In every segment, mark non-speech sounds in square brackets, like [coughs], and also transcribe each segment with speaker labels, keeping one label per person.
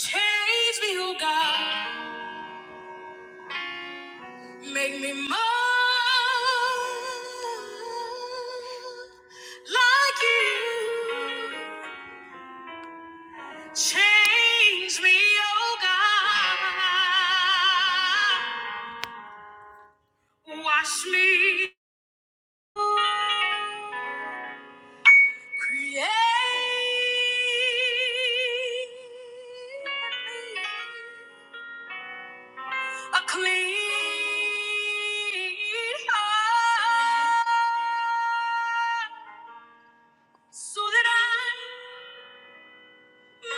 Speaker 1: Change me, oh God. Make me more like you. Change me, oh God. Wash me. Create me A clean heart, so that I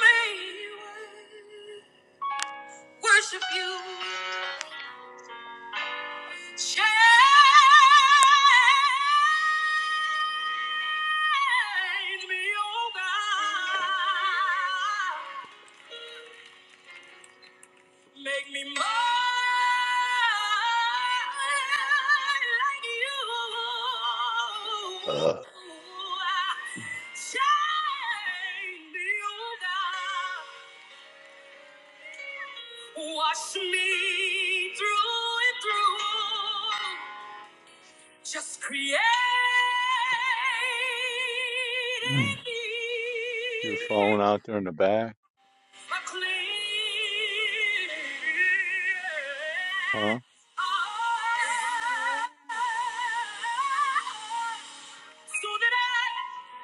Speaker 1: may worship you. Change me, oh God. Make me more like you.
Speaker 2: Uh,
Speaker 1: Shine me on Wash me through and through. Just create
Speaker 2: [clears throat]
Speaker 1: in
Speaker 2: your
Speaker 1: me.
Speaker 2: phone out there in the back,
Speaker 1: So
Speaker 2: huh?
Speaker 1: that I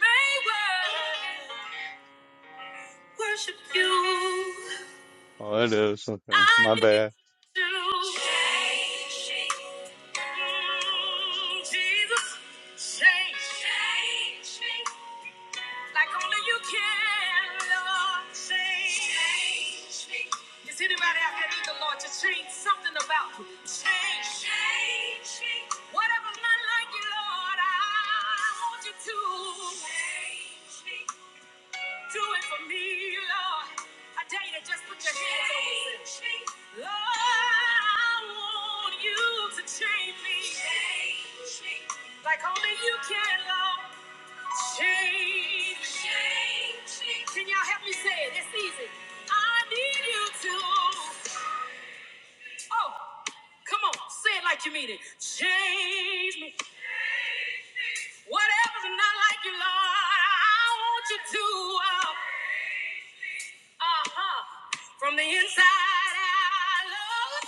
Speaker 1: may well worship you.
Speaker 2: Oh, it is. Okay,
Speaker 1: I
Speaker 2: my
Speaker 1: need
Speaker 2: bad.
Speaker 1: you. Mm, Jesus, change. Change me. Like only you can, Lord. Change. Is anybody out there need the Lord to change something about you? Change. Change. change. Whatever's not like you, Lord, I want you to. Change. Do it for me, Lord. I dare you to just put your hands on yourself. me. Lord, I want you to change me. Change. me. Like only you can, Lord. Change, change. me. Can y'all help me say it? It's easy. I need you to. Oh, come on, say it like you mean it. Change me. Whatever's not like you, Lord, I want you to. Uh huh. From the inside out, Lord.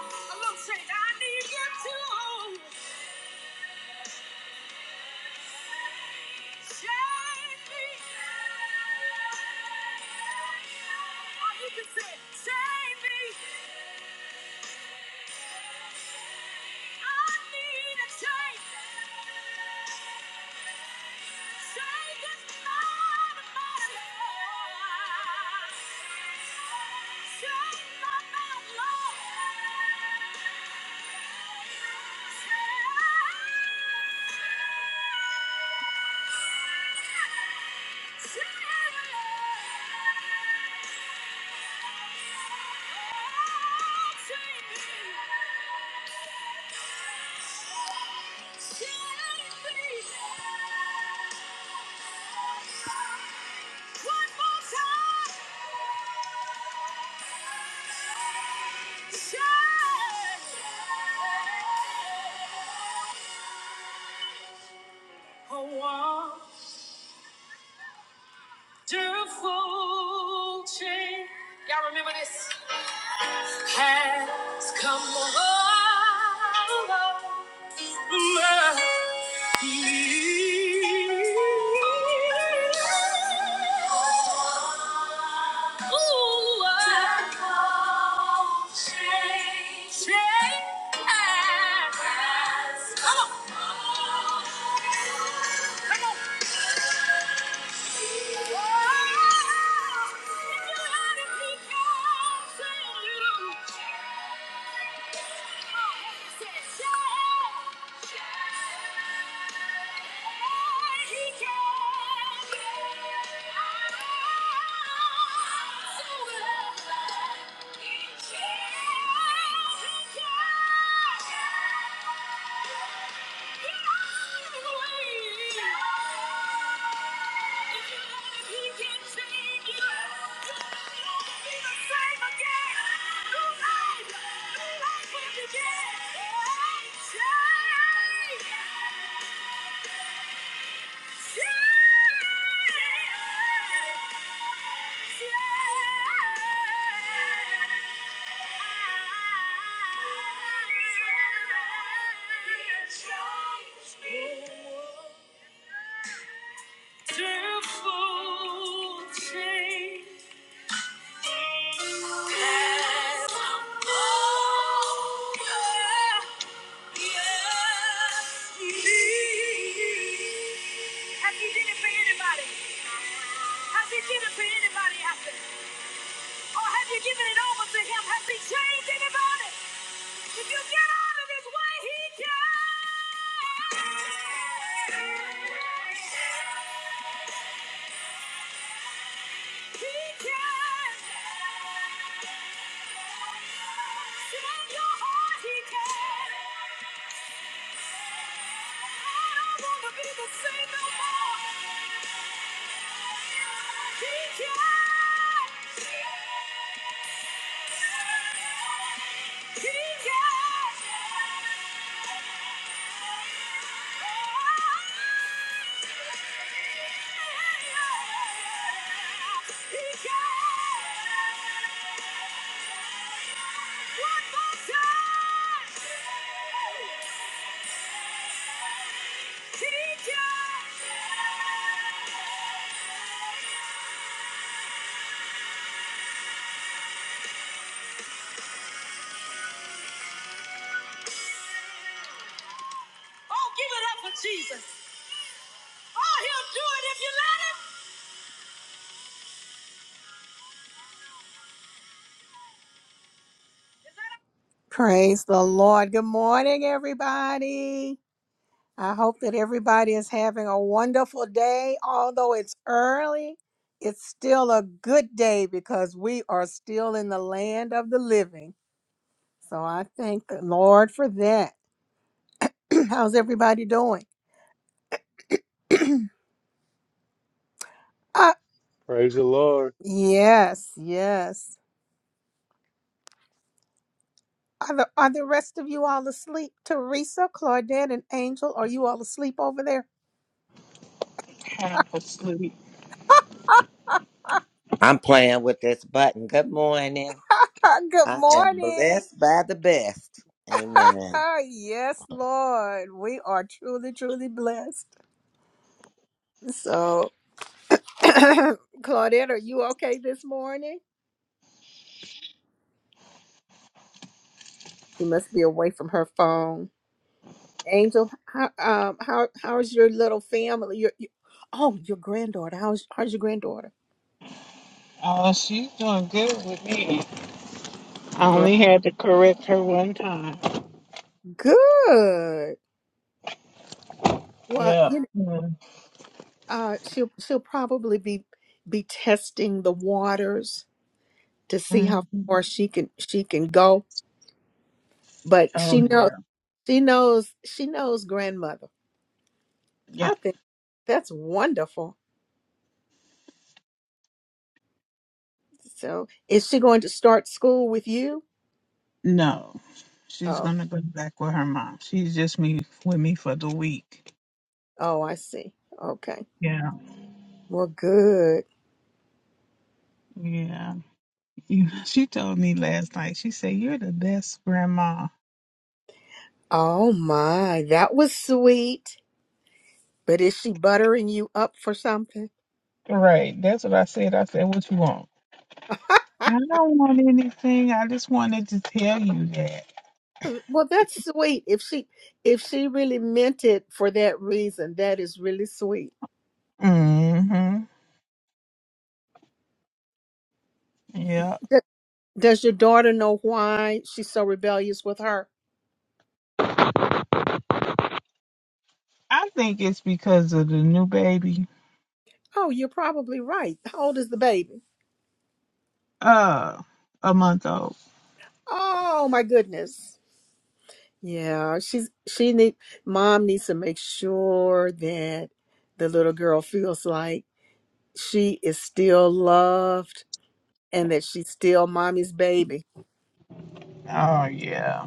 Speaker 1: Oh, a little change. I need you to. Yeah. A wonderful change. Y'all remember this? has come over me. Ooh, I- Change has Come on. Come on he he can, He can. Yeah. Have you did it for anybody? Has he given to anybody out there? Or have you given it over to him? Has he changed anybody? If you get out of his way, he can. He can. From your heart, he can. He Yeah. Oh, Oh, Praise the Lord. Good morning, everybody. I hope that everybody is having a wonderful day. Although it's early, it's still a good day because we are still in the land of the living. So I thank the Lord for that. [clears throat] How's everybody doing? Uh,
Speaker 2: Praise the Lord.
Speaker 1: yes, yes. Are the, are the rest of you all asleep? Teresa, Claudette, and Angel, are you all asleep over there? [laughs]
Speaker 3: half asleep.
Speaker 4: I'm playing with this button. Good morning.
Speaker 1: Ah, good
Speaker 4: I am
Speaker 1: morning.
Speaker 4: blessed by the best. Amen.
Speaker 1: Ah, yes, Lord. We are truly, truly blessed. So. [coughs] Claudette, are you okay this morning? You must be away from her phone. Angel, how um how how's your little family? Your, your oh, your granddaughter. How's how's your granddaughter?
Speaker 3: Oh, she's doing good with me. I
Speaker 1: Great.
Speaker 3: only had to correct her one time.
Speaker 1: Good. Well,
Speaker 3: Yeah.
Speaker 1: you know, uh, she'll she'll probably be be testing the waters to see how
Speaker 3: Mhm.
Speaker 1: far she can she can go. But she
Speaker 3: Oh,
Speaker 1: knows
Speaker 3: yeah.
Speaker 1: she knows she knows grandmother.
Speaker 3: Yeah.
Speaker 1: I think that's wonderful. So, is she going to start school with you?
Speaker 3: No, she's
Speaker 1: Oh,
Speaker 3: gonna go back with her mom. She's just me with me for the week.
Speaker 1: oh, I see. Okay.
Speaker 3: Yeah.
Speaker 1: Well, good.
Speaker 3: Yeah. You- She told me last night. She said you're the best grandma.
Speaker 1: Oh my, that was sweet. But is she buttering you up for something?
Speaker 3: Right. That's what I said. I said, what you want? I don't want anything. I just wanted to tell you that.
Speaker 1: Uh, Well, that's sweet. If she if she really meant it for that reason, that is really sweet.
Speaker 3: Mm-hmm. Yeah.
Speaker 1: D- Does your daughter know why she's so rebellious with her?
Speaker 3: I think it's because of the new baby.
Speaker 1: Oh, you're probably right. How old is the baby?
Speaker 3: Uh, a month old.
Speaker 1: Oh my goodness. Yeah, she's she need mom needs to make sure that the little girl feels like she is still loved and that she's still mommy's baby.
Speaker 3: Oh yeah.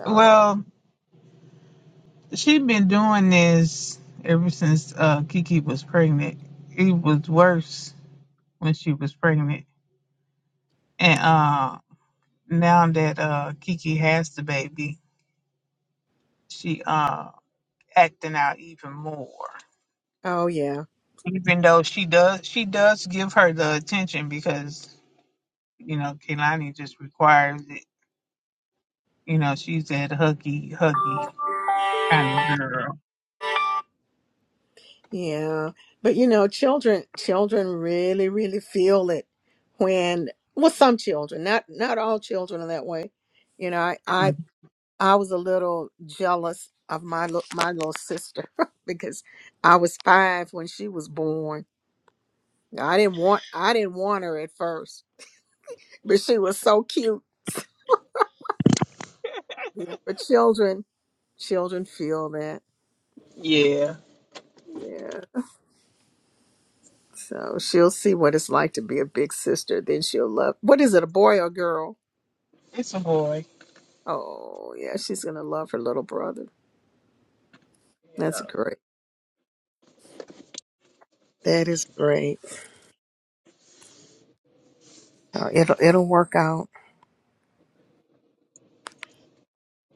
Speaker 1: Oh,
Speaker 3: Well, she been doing this ever since uh Kiki was pregnant. It was worse when she was pregnant, and uh now that uh Kiki has the baby, she uh acting out even more.
Speaker 1: oh yeah.
Speaker 3: Even though she does, she does give her the attention because you know Kehlani just requires it. You know she's that huggy, huggy kind of girl.
Speaker 1: Yeah. But you know, children children really, really feel it when well some children, not not all children are that way. You know, I I,
Speaker 3: Mm.
Speaker 1: I was a little jealous of my lit- my little sister [laughs] because I was five when she was born. I didn't want I didn't want her at first, but she was so cute. You know, but children children feel that.
Speaker 3: Yeah.
Speaker 1: Yeah. So she'll see what it's like to be a big sister. Then she'll love. What is it, a boy or girl?
Speaker 3: It's a boy.
Speaker 1: Oh, yeah. She's gonna love her little brother.
Speaker 3: Yeah.
Speaker 1: That's great. That is great. Oh, it'll it'll work out.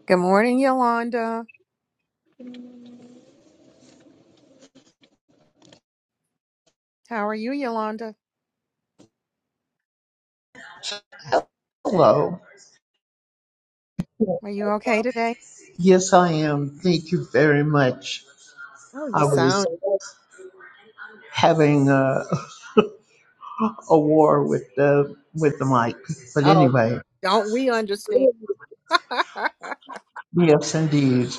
Speaker 1: Good morning, Yolanda. How are you, Yolanda?
Speaker 5: Hello.
Speaker 1: Are you okay today?
Speaker 5: Yes, I am. Thank you very much.
Speaker 1: Oh, you
Speaker 5: I was
Speaker 1: sound.
Speaker 5: having a, a war with the with the mic, but
Speaker 1: Oh,
Speaker 5: anyway,
Speaker 1: don't we understand? [laughs]
Speaker 5: yes, indeed,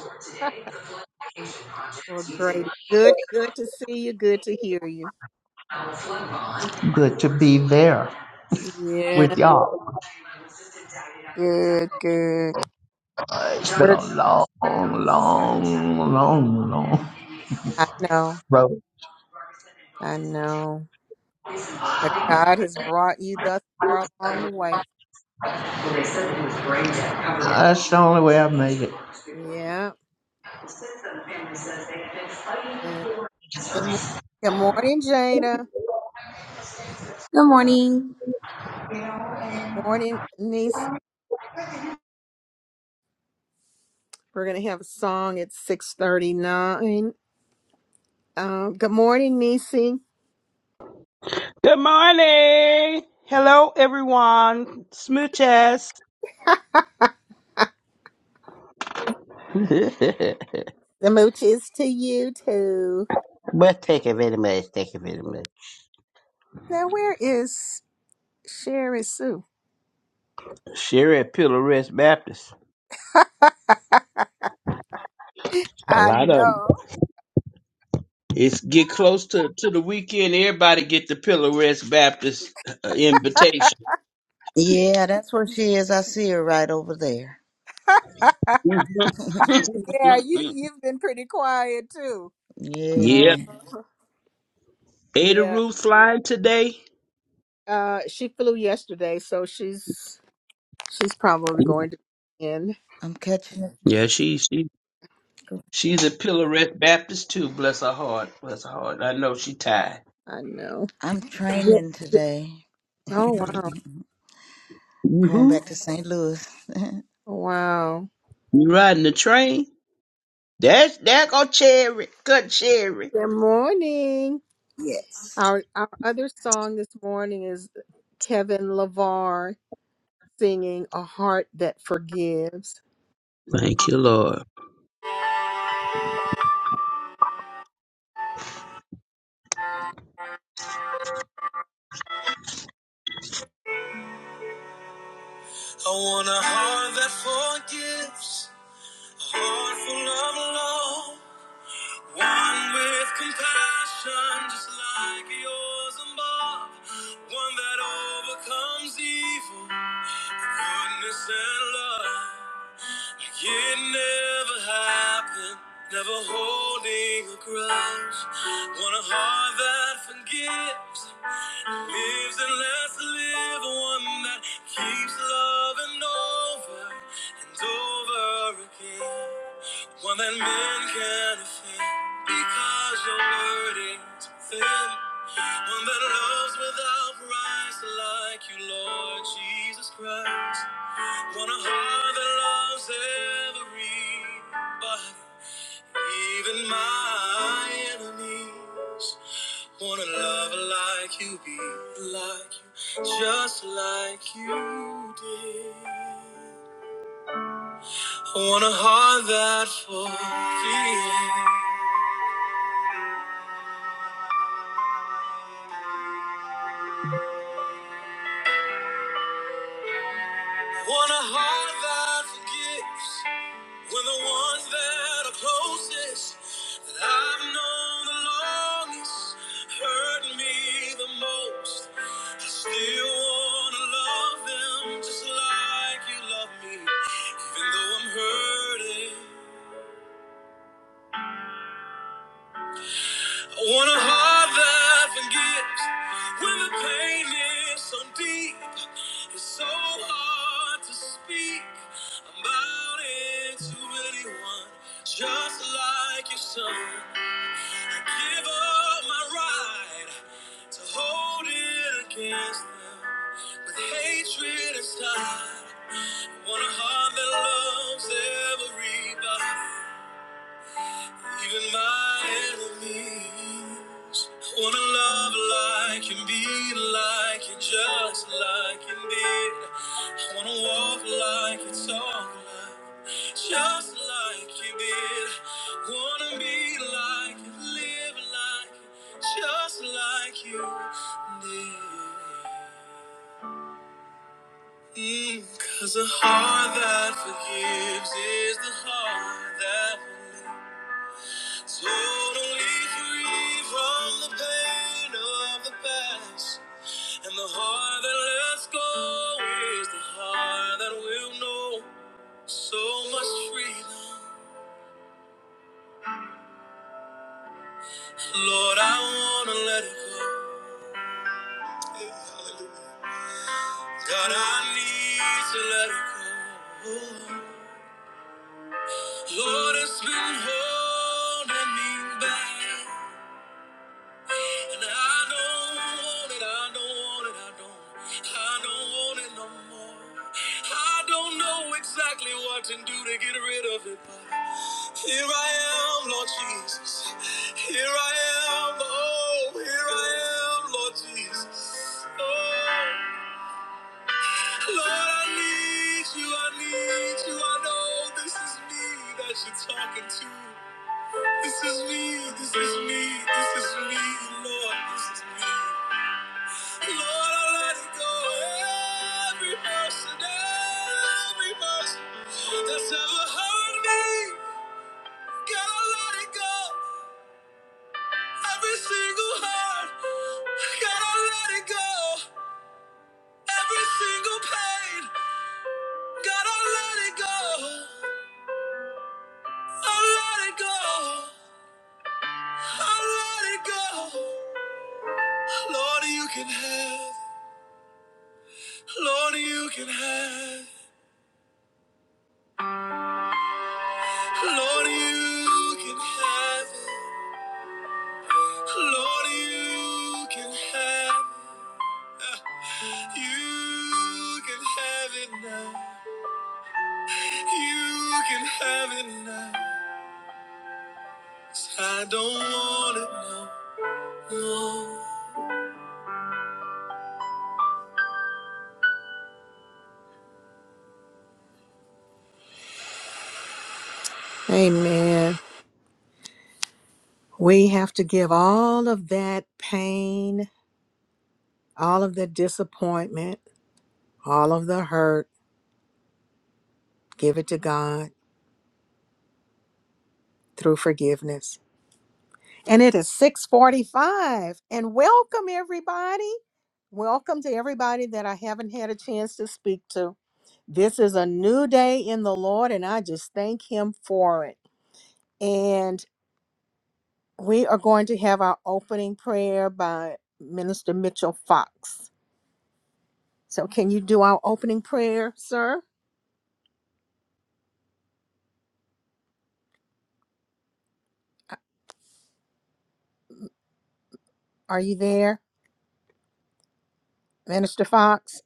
Speaker 1: well, great. Good. Good to see you. Good to hear you.
Speaker 5: good to be there
Speaker 1: Yeah.
Speaker 5: with y'all.
Speaker 1: Good. Good.
Speaker 5: Uh, It's been
Speaker 1: We're.
Speaker 5: a long, long, long, long
Speaker 1: I know.
Speaker 5: road.
Speaker 1: I know. But God has brought you thus far along the way.
Speaker 5: That's the only way I've made it.
Speaker 1: Yeah. Good, good mor- good morning, Jada.
Speaker 6: Good morning.
Speaker 1: Good morning, Nisi. We're gonna have a song at six thirty nine. Um, good morning, Nisi.
Speaker 7: Good morning. Hello, everyone. Smooches. [laughs]
Speaker 1: The mooch is to you too.
Speaker 7: but thank you very much. Thank you very much.
Speaker 1: Now, where is Sherry Sue?
Speaker 7: Sherry at Pillow Rest Baptist. A
Speaker 1: I
Speaker 7: lot of 'em.
Speaker 1: know.
Speaker 7: It's get close to, to the weekend. Everybody get the Pillow Rest Baptist uh, invitation. [laughs]
Speaker 8: Yeah, that's where she is. I see her right over there.
Speaker 1: Yeah, you
Speaker 7: Mhm.
Speaker 1: you've been pretty quiet too.
Speaker 8: Yeah,
Speaker 7: yeah.
Speaker 1: Uh,
Speaker 8: man.
Speaker 7: Ada
Speaker 1: yeah.
Speaker 7: Ruth flying today.
Speaker 1: Uh, she flew yesterday, so she's she's probably going to be in.
Speaker 8: I'm catching it.
Speaker 7: Yeah, she she she's a Pillow Rest Baptist too. Bless her heart. Bless her heart. I know she tired.
Speaker 1: I know.
Speaker 8: I'm
Speaker 1: Yeah.
Speaker 8: training today.
Speaker 1: Oh wow.
Speaker 8: Going
Speaker 7: Mm-hmm.
Speaker 8: back to St. Louis. [laughs]
Speaker 1: Oh, wow.
Speaker 7: You riding the train? There's there go Cherry. Good Cherry.
Speaker 1: Good morning.
Speaker 8: yes.
Speaker 1: Our our other song this morning is Kevin LaVar singing A Heart That Forgives.
Speaker 7: Thank you, Lord.
Speaker 1: I want a heart that forgives, a heart full of love, one with compassion just like yours above, one that overcomes evil, goodness and love. It never happened, never holding a grudge. Want a heart that forgives, lives and lets live, one that keeps loving over and over again. One that men can offend because your word is within. One that loves without price, like you, Lord Jesus Christ. Want a heart that loves everybody, even my enemies. Want a lover like you, be like you, just like you did. Want a heart that forgives. Want a heart that forgives. When the ones that are closest, that I've known the longest, hurt me the most, I still wanna love them just like you love me, even though I'm hurting. I want a heart that forgives when the pain is so deep. It's so hard to speak about it to anyone, just like your son. Give up my right to hold it against them. With hatred inside, I want a heart that loves everybody. Even my enemies wanna love like and be like and just like and did. I wanna walk like and talk like, just like you did. Wanna be like and live like, just like you did. Mm, Cause a heart that forgives is the heart that believes. Totally free from the pain of the past. And the heart that lets go is the heart that will know so much freedom. Lord, I want to let it go. Yeah, hallelujah. God, I need to let it go. Lord, it's been holding me back. And I don't want it, I don't want it, I don't, I don't want it no more. I don't know exactly what to do to get rid of it, but here I am, Lord Jesus. Here I am, oh, here I am, Lord Jesus. Oh, Lord, I need you, I need you. I know this is me that you're talking to. This is me, this is me, this is me, Lord, this is me. Lord, I let it go. Every person, every person that's ever hurt me, gotta let it go. Every single heart, gotta let it go. Every single pain, gotta let it go. I let it go. I let it go. Lord, you can have. it. Lord, you can have. it. Lord, you can have. it. Lord, you can have it. You can have it now. You can have it now. 'Cause I don't want it no more. Amen. We have to give all of that pain, all of the disappointment, all of the hurt, give it to God through forgiveness. And it is 645. And welcome everybody. Welcome to everybody that I haven't had a chance to speak to. This is a new day in the Lord, and I just thank him for it. And we are going to have our opening prayer by Minister Mitchell Fox. So can you do our opening prayer, sir? Are you there, Minister Fox?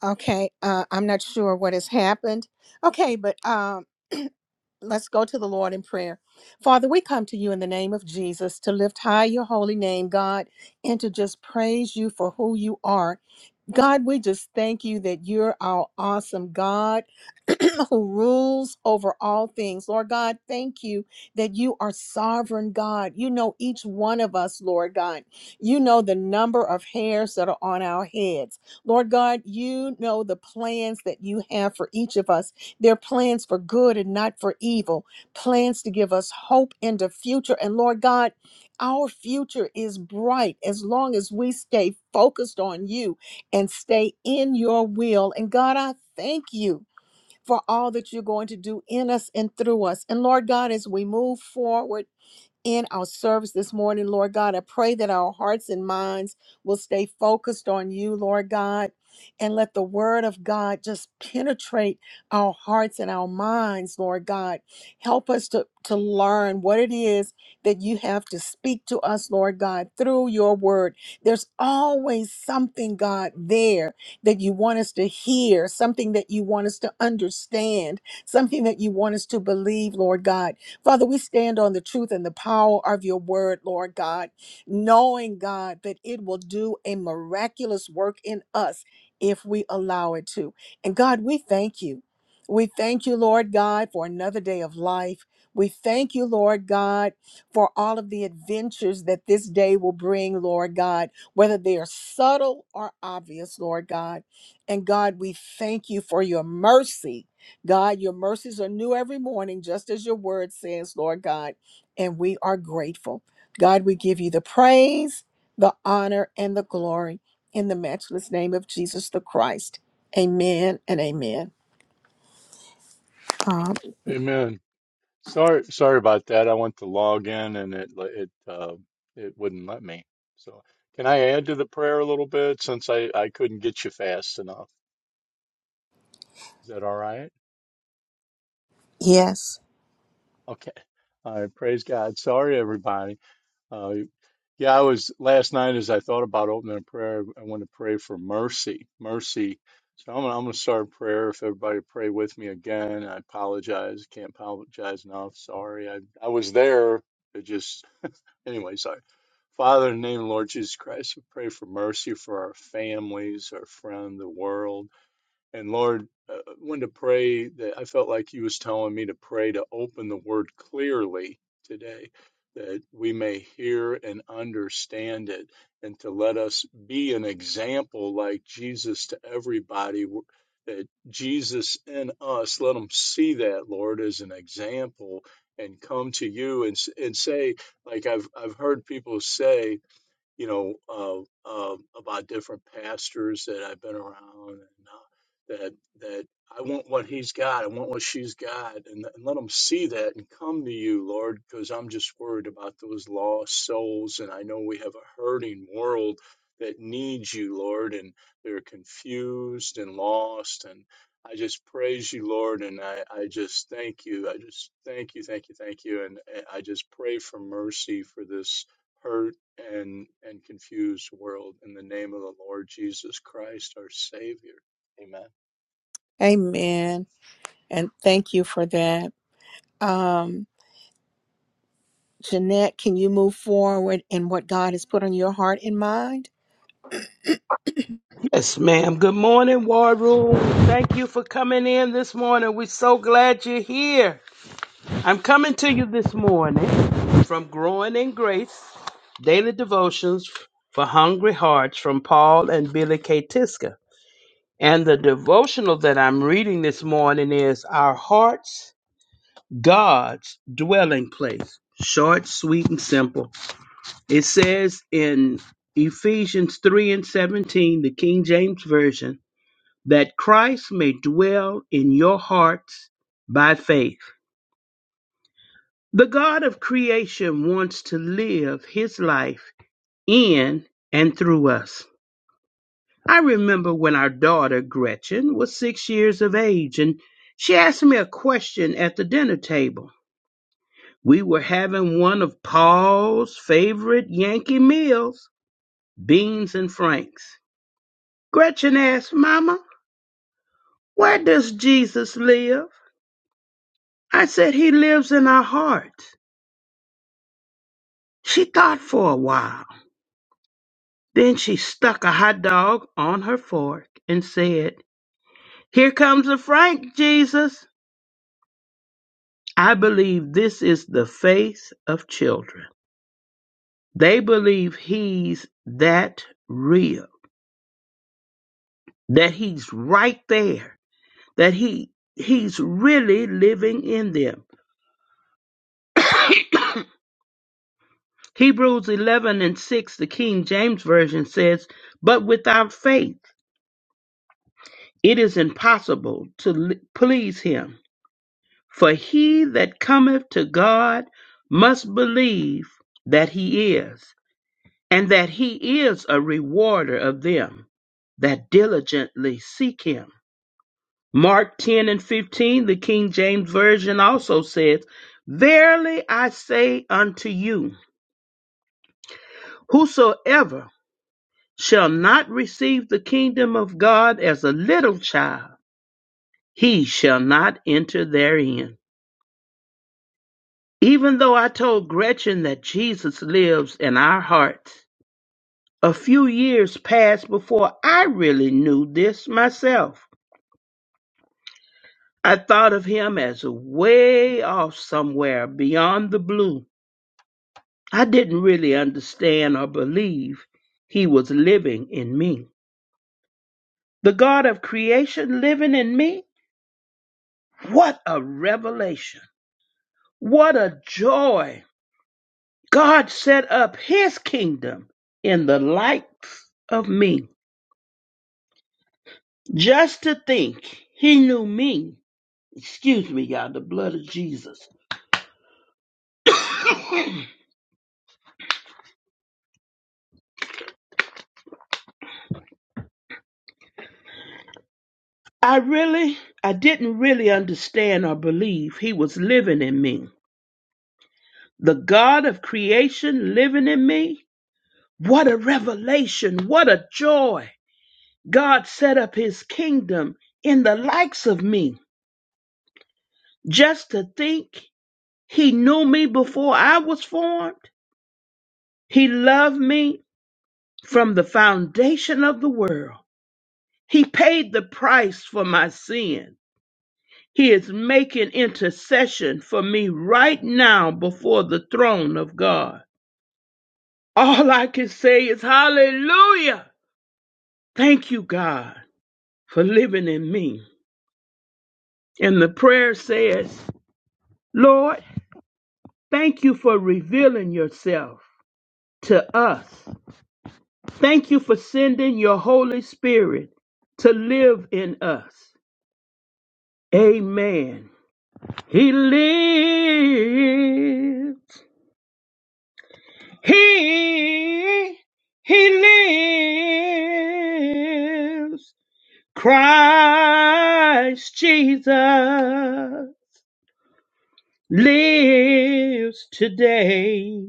Speaker 1: Okay, uh, I'm not sure what has happened. Okay, but um [clears throat] Let's go to the Lord in prayer. Father, we come to you in the name of Jesus to lift high your holy name, God, and to just praise you for who you are. God, we just thank you that you're our awesome God [clears throat] who rules over all things. Lord God, thank you that you are sovereign God. You know each one of us, Lord God. You know the number of hairs that are on our heads. Lord God, you know the plans that you have for each of us. They're plans for good and not for evil, plans to give us hope in the future. And Lord God, our future is bright as long as we stay focused on you and stay in your will. And God, I thank you for all that you're going to do in us and through us. And Lord God, as we move forward, in our service this morning, Lord God. I pray that our hearts and minds will stay focused on you, Lord God, and let the word of God just penetrate our hearts and our minds, Lord God. Help us to, to learn what it is that you have to speak to us, Lord God, through your word. There's always something, God, there that you want us to hear, something that you want us to understand, something that you want us to believe, Lord God. Father, we stand on the truth and the power of your word, Lord God, knowing, God, that it will do a miraculous work in us if we allow it to. And God, we thank you. We thank you, Lord God, for another day of life. We thank you, Lord God, for all of the adventures that this day will bring, Lord God, whether they are subtle or obvious, Lord God. And God, we thank you for your mercy God, your mercies are new every morning, just as your word says, Lord God, and we are grateful. God, we give you the praise, the honor, and the glory in the matchless name of Jesus the Christ. Amen and amen. Um,
Speaker 2: Amen. Sorry, sorry about that. I went to log in and it it uh, it wouldn't let me. So, can I add to the prayer a little bit since I I couldn't get you fast enough? Is that all right?
Speaker 1: yes,
Speaker 2: Okay. All right. Praise God. Sorry, everybody. Uh, Yeah, I was last night as I thought about opening a prayer, I want to pray for mercy, mercy. So I'm gonna, I'm gonna start a prayer. If everybody pray with me again, I apologize. Can't apologize enough. Sorry, I I was there. It just anyway. Sorry. Father, in the name of the Lord Jesus Christ, we pray for mercy for our families, our friend, the world. And Lord, uh, when to pray that I felt like He was telling me to pray to open the Word clearly today, that we may hear and understand it, and to let us be an example like Jesus to everybody. w- That Jesus in us, let them see that Lord as an example, and come to you and s- and say, like I've I've heard people say you know, uh, uh, about different pastors that I've been around, and uh, that that I want what he's got, I want what she's got, and, and let them see that and come to you, Lord, because I'm just worried about those lost souls, and I know we have a hurting world that needs you, Lord, and they're confused and lost, and I just praise you, Lord, and I, I just thank you. I just thank you, thank you, thank you, and, and I just pray for mercy for this hurt and and confused world in the name of the Lord Jesus Christ our savior amen
Speaker 1: amen. And thank you for that. Um, Jeanette, can you move forward in what God has put on your heart and mind? [coughs]
Speaker 7: Yes, ma'am. Good morning, War Room. Thank you for coming in this morning. We're so glad you're here. I'm coming to you this morning from Growing in Grace Daily Devotions for Hungry Hearts from Paul and Billy K. Tiska. And the devotional that I'm reading this morning is Our Hearts, God's Dwelling Place. Short, sweet, and simple. It says in Ephesians 3 and 17, the King James Version, that Christ may dwell in your hearts by faith. The God of creation wants to live his life in and through us. I remember when our daughter Gretchen was six years of age and she asked me a question at the dinner table. We were having one of Paul's favorite Yankee meals, beans and franks. Gretchen asked, Mama, where does Jesus live? I said, He lives in our hearts. She thought for a while. Then she stuck a hot dog on her fork and said, Here comes a Frank, Jesus. I believe this is the faith of children. They believe he's that real, that he's right there, that he he's really living in them. Hebrews 11 and 6, the King James Version says, But without faith it is impossible to l- please him. For he that cometh to God must believe that he is, and that he is a rewarder of them that diligently seek him. Mark 10 and 15, the King James Version also says, Verily I say unto you, whosoever shall not receive the kingdom of God as a little child, he shall not enter therein. Even though I told Gretchen that Jesus lives in our hearts, a few years passed before I really knew this myself. I thought of him as way off somewhere beyond the blue. I didn't really understand or believe he was living in me. The God of creation living in me? What a revelation! What a joy! God set up his kingdom in the likes of me. Just to think he knew me. Excuse me, y'all, the blood of Jesus. I really, I didn't really understand or believe he was living in me. The God of creation living in me. What a revelation. What a joy. God set up his kingdom in the likes of me. Just to think He knew me before I was formed. He loved me from the foundation of the world. He paid the price for my sin. He is making intercession for me right now before the throne of God. All I can say is hallelujah. Thank you, God, for living in me. And the prayer says, Lord, thank you for revealing yourself to us Thank you for sending your Holy Spirit to live in us. Amen. He lives. He, he lives. Christ Jesus lives today.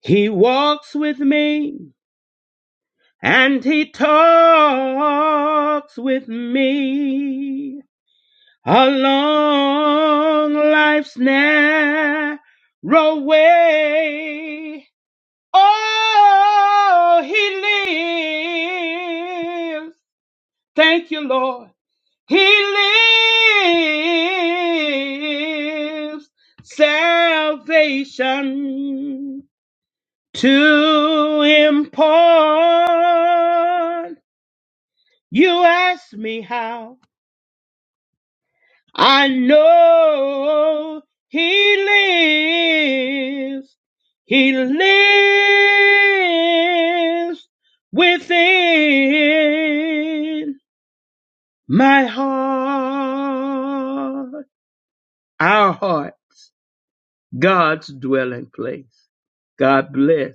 Speaker 7: He walks with me and he talks with me. along life's narrow way. Oh, he lives. Thank you, Lord. He lives. Salvation to impart. You ask me how. I know he lives. He lives within my heart. Our heart, God's dwelling place. God bless.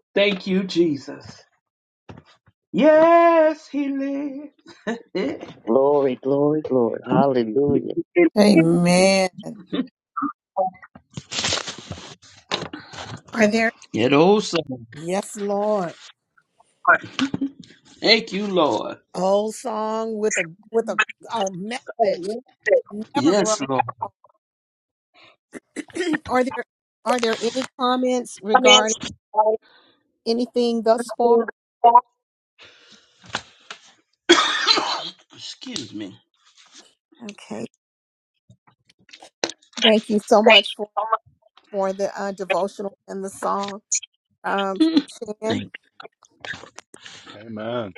Speaker 7: [laughs] Thank you, Jesus. Yes, he lives.
Speaker 9: Glory, glory, glory. Hallelujah.
Speaker 1: Amen. Are there
Speaker 7: That old song.
Speaker 1: Yes, Lord.
Speaker 7: Thank you, Lord.
Speaker 1: old song with a with a, a message
Speaker 7: [laughs]
Speaker 1: that never grows?
Speaker 7: Yes,
Speaker 1: [coughs]
Speaker 7: Lord.
Speaker 1: [clears throat] are there are there any comments
Speaker 7: comments.
Speaker 1: regarding
Speaker 7: I
Speaker 1: anything thus far?
Speaker 7: feel Excuse me.
Speaker 1: Okay. Thank you so
Speaker 7: Thank
Speaker 1: much
Speaker 7: you so much.
Speaker 1: for the uh, devotional and the song. Um,
Speaker 7: Mm,
Speaker 1: Shan,
Speaker 7: Thank
Speaker 2: Amen.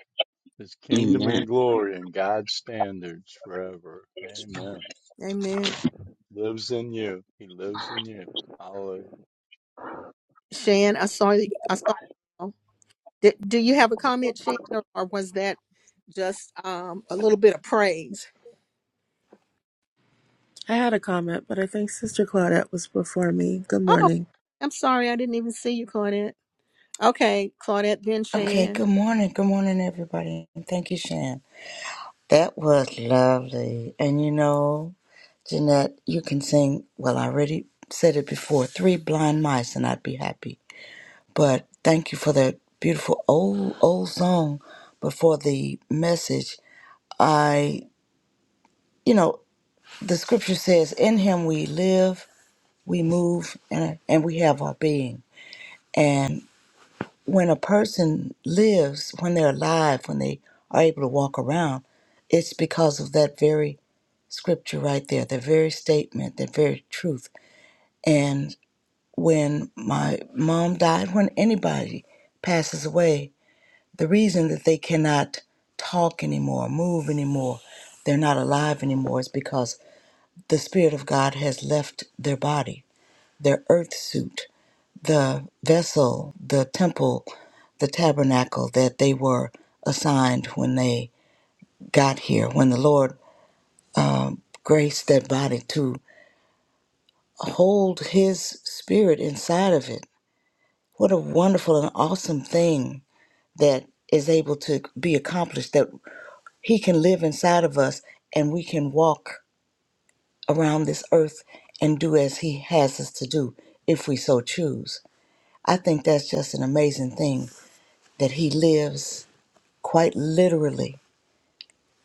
Speaker 2: His kingdom
Speaker 7: Amen.
Speaker 2: and glory and God's standards forever. Amen.
Speaker 1: Amen.
Speaker 2: It Lives in you. He lives in you. Hallelujah.
Speaker 1: Shan, I saw you. I saw. oh, Did, do you have a comment, Shan, or, or was that just um, a little bit of praise?
Speaker 10: I had a comment, but I think Sister Claudette was before me. Good
Speaker 1: Oh,
Speaker 10: morning.
Speaker 1: I'm sorry, I didn't even see you, Claudette. Okay, Claudette, then
Speaker 8: Okay,
Speaker 1: Shan.
Speaker 8: good morning. Good morning, everybody. And Thank you, Shan. That was lovely. And you know, Jeanette, you can sing, well, I already said it before, Three Blind Mice, and I'd be happy. But thank you for that beautiful old, old song. But for the message, I, you know, the scripture says, In him we live, we move, and, and we have our being. And when a person lives, when they're alive, when they are able to walk around, it's because of that very scripture right there, that very statement, that very truth. And when my mom died, when anybody passes away, the reason that they cannot talk anymore, move anymore, they're not alive anymore is because the Spirit of God has left their body their earth suit, the vessel, the temple, the tabernacle that they were assigned when they got here, when the Lord graced that body to hold His Spirit inside of it. What a wonderful and awesome thing that is able to be accomplished, that He can live inside of us and we can walk around this earth and do as He has us to do if we so choose. I think that's just an amazing thing that He lives quite literally,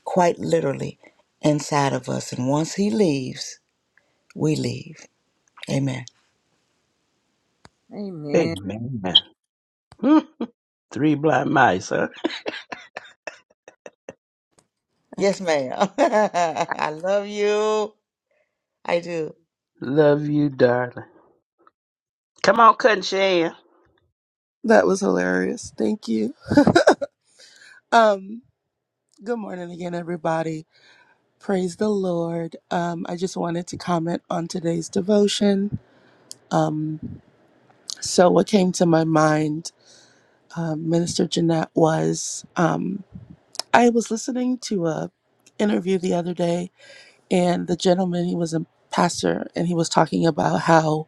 Speaker 8: quite literally inside of us. And once He leaves, we leave. Amen.
Speaker 1: Amen.
Speaker 7: Amen. Mm, Three blind mice, huh?
Speaker 8: Yes,
Speaker 1: Okay.
Speaker 8: ma'am. [laughs] I love you. I do.
Speaker 7: Love you, darling. Come on, Cousin Shan.
Speaker 10: That was hilarious. Thank you. Um, good morning again, everybody. Praise the Lord. Um, I just wanted to comment on today's devotion. Um, so what came to my mind, um, Minister Jeanette, was um, I was listening to a interview the other day, and the gentleman he was a pastor, and he was talking about how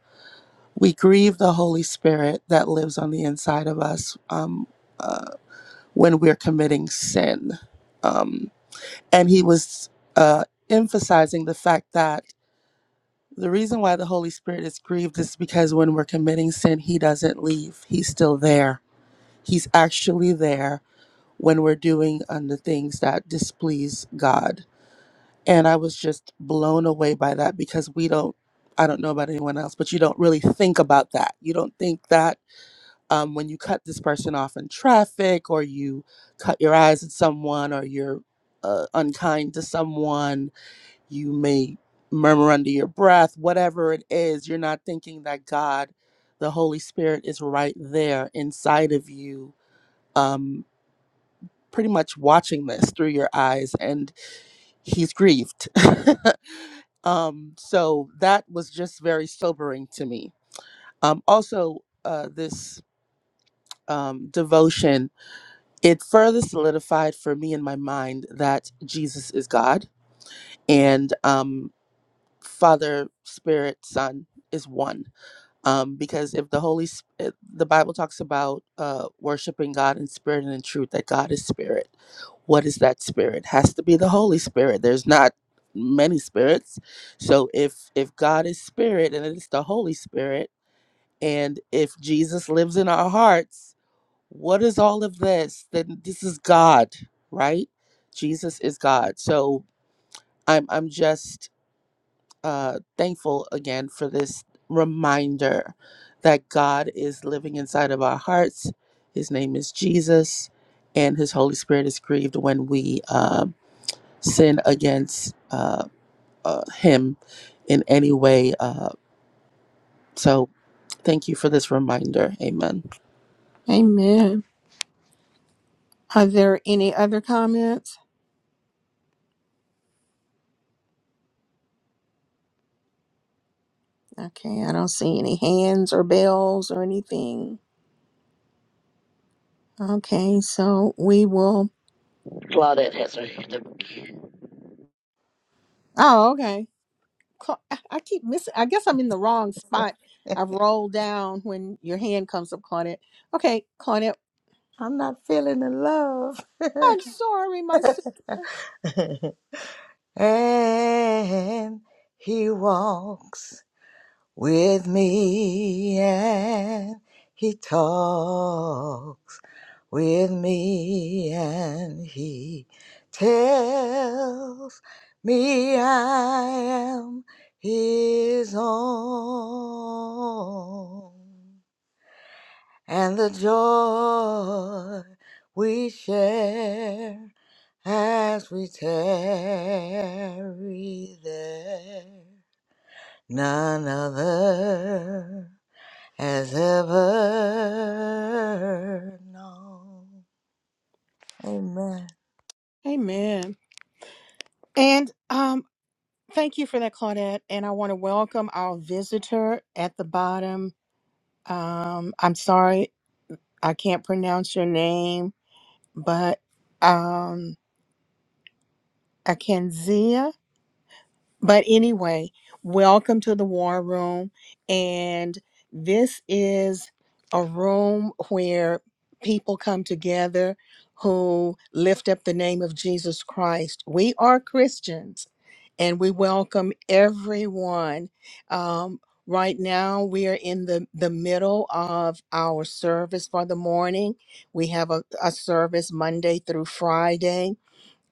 Speaker 10: we grieve the Holy Spirit that lives on the inside of us um, uh, when we're committing sin. Um, and he was uh, emphasizing the fact that the reason why the Holy Spirit is grieved is because when we're committing sin, he doesn't leave, he's still there. He's actually there when we're doing um, the things that displease God. And I was just blown away by that because we don't, I don't know about anyone else, but you don't really think about that. You don't think that um, when you cut this person off in traffic or you cut your eyes at someone or you're uh, unkind to someone you may murmur under your breath whatever it is you're not thinking that god the holy spirit is right there inside of you um, pretty much watching this through your eyes and he's grieved [laughs] um, so that was just very sobering to me um, also uh, this um, devotion It further solidified for me in my mind that Jesus is God and um, Father, Spirit, Son is one. Um, because if the Holy, Sp- uh, the Bible talks about uh, worshiping God in spirit and in truth, that God is spirit. What is that spirit? Has to be the Holy Spirit. There's not many spirits. So if if God is spirit and it is the Holy Spirit, and if Jesus lives in our hearts what is all of this? Then this is God, right? Jesus is God. So I'm I'm just uh thankful again for this reminder that God is living inside of our hearts. His name is Jesus, and his Holy Spirit is grieved when we um sin against uh, uh him in any way. Uh so thank you for this reminder. Amen.
Speaker 1: Amen. Are there any other comments? Okay, I don't see any hands or bells or anything. Okay, so we will.
Speaker 9: Claudette has her hand up.
Speaker 1: Oh, okay. Cla- I I keep missing. I guess I'm in the wrong spot. I've rolled down when your hand comes up, Claudette. Okay, Claudette.
Speaker 8: I'm not feeling the love.
Speaker 1: I'm sorry, my sister.
Speaker 8: [laughs] and He walks with me and He talks. with me and he tells me I am his own and the joy we share as we tarry there none other has ever known amen
Speaker 1: Amen. And um, thank you for that, Claudette. And I want to welcome our visitor at the bottom. Um, I'm sorry. I can't pronounce your name, but um, Akanzia. But anyway, welcome to the War Room. And this is a room where people come together who lift up the name of Jesus Christ. We are Christians and we welcome everyone. Um, right now, we are in the, the middle of our service for the morning. We have a, a service Monday through Friday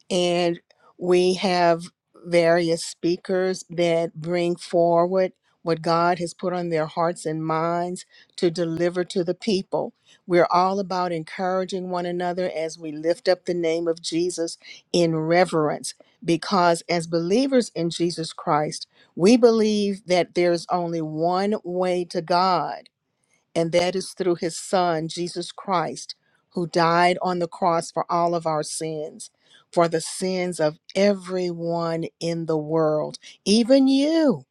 Speaker 1: and we have various speakers that bring forward what God has put on their hearts and minds to deliver to the people. We're all about encouraging one another as we lift up the name of Jesus in reverence because as believers in Jesus Christ, we believe that there's only one way to God and that is through his Son, Jesus Christ, who died on the cross for all of our sins, for the sins of everyone in the world, even you.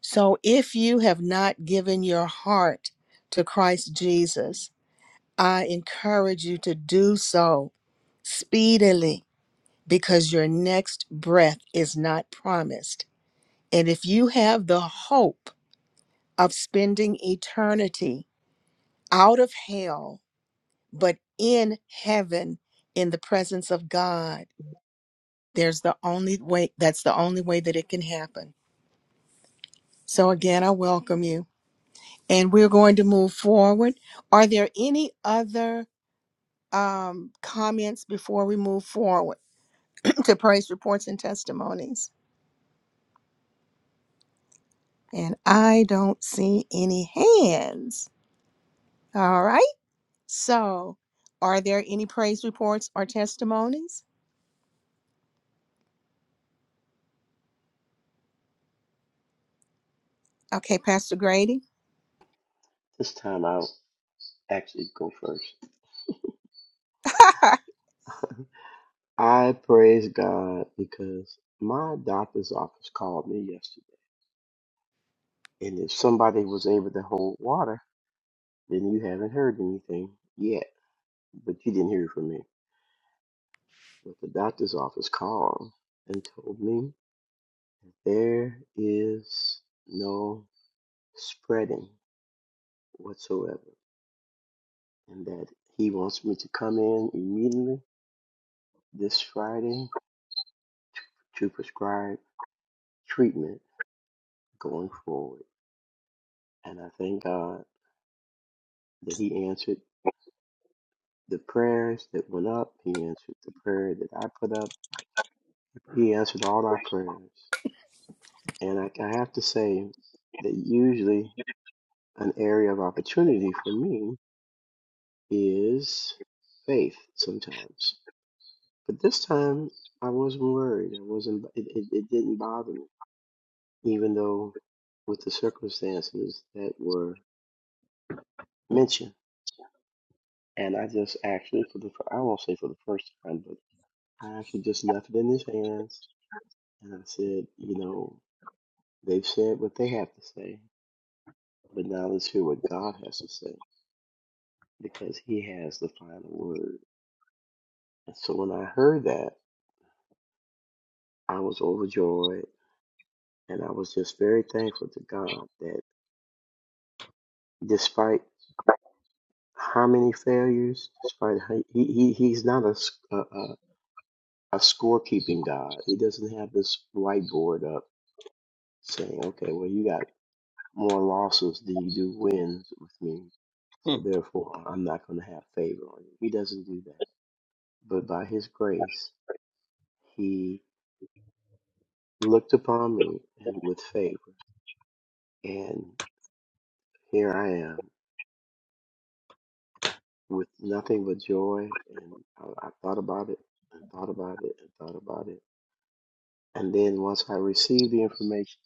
Speaker 1: So if you have not given your heart to Christ Jesus, I encourage you to do so speedily because your next breath is not promised. And if you have the hope of spending eternity out of hell, but in heaven in the presence of god there's the only way that's the only way that it can happen so again i welcome you and we're going to move forward are there any other um, comments before we move forward [clears throat] to praise reports and testimonies and i don't see any hands all right so are there any praise reports or testimonies okay pastor grady
Speaker 11: This time I'll actually go first. I praise God because my doctor's office called me yesterday. And if somebody was able to hold water, then you haven't heard anything yet. But you didn't hear it from me. But the doctor's office called and told me there is no spreading whatsoever. And that he wants me to come in immediately this Friday to prescribe treatment going forward. And I thank God that He answered the prayers that went up. He answered the prayer that I put up. He answered all our prayers. And I, I have to say that usually an area of opportunity for me is faith sometimes. But this time I wasn't worried. I wasn't, it, it, it didn't bother me, even though with the circumstances that were mentioned. And I just actually, for the, fir- I won't say for the first time, but. I actually just left it in his hands and I said, you know, they've said what they have to say, but now let's hear what God has to say because he has the final word. And so when I heard that, I was overjoyed and I was just very thankful to God that despite how many failures, despite how, he, he, he's not a a a scorekeeping God. He doesn't have this whiteboard up saying, okay, well, you got more losses than you do wins with me. So
Speaker 7: Mm,
Speaker 11: therefore, I'm not going to have favor on you. He doesn't do that. But by his grace, he looked upon me and with favor. And here I am with nothing but joy. And I, I thought about it and thought about it and thought about it. And then once I received the information,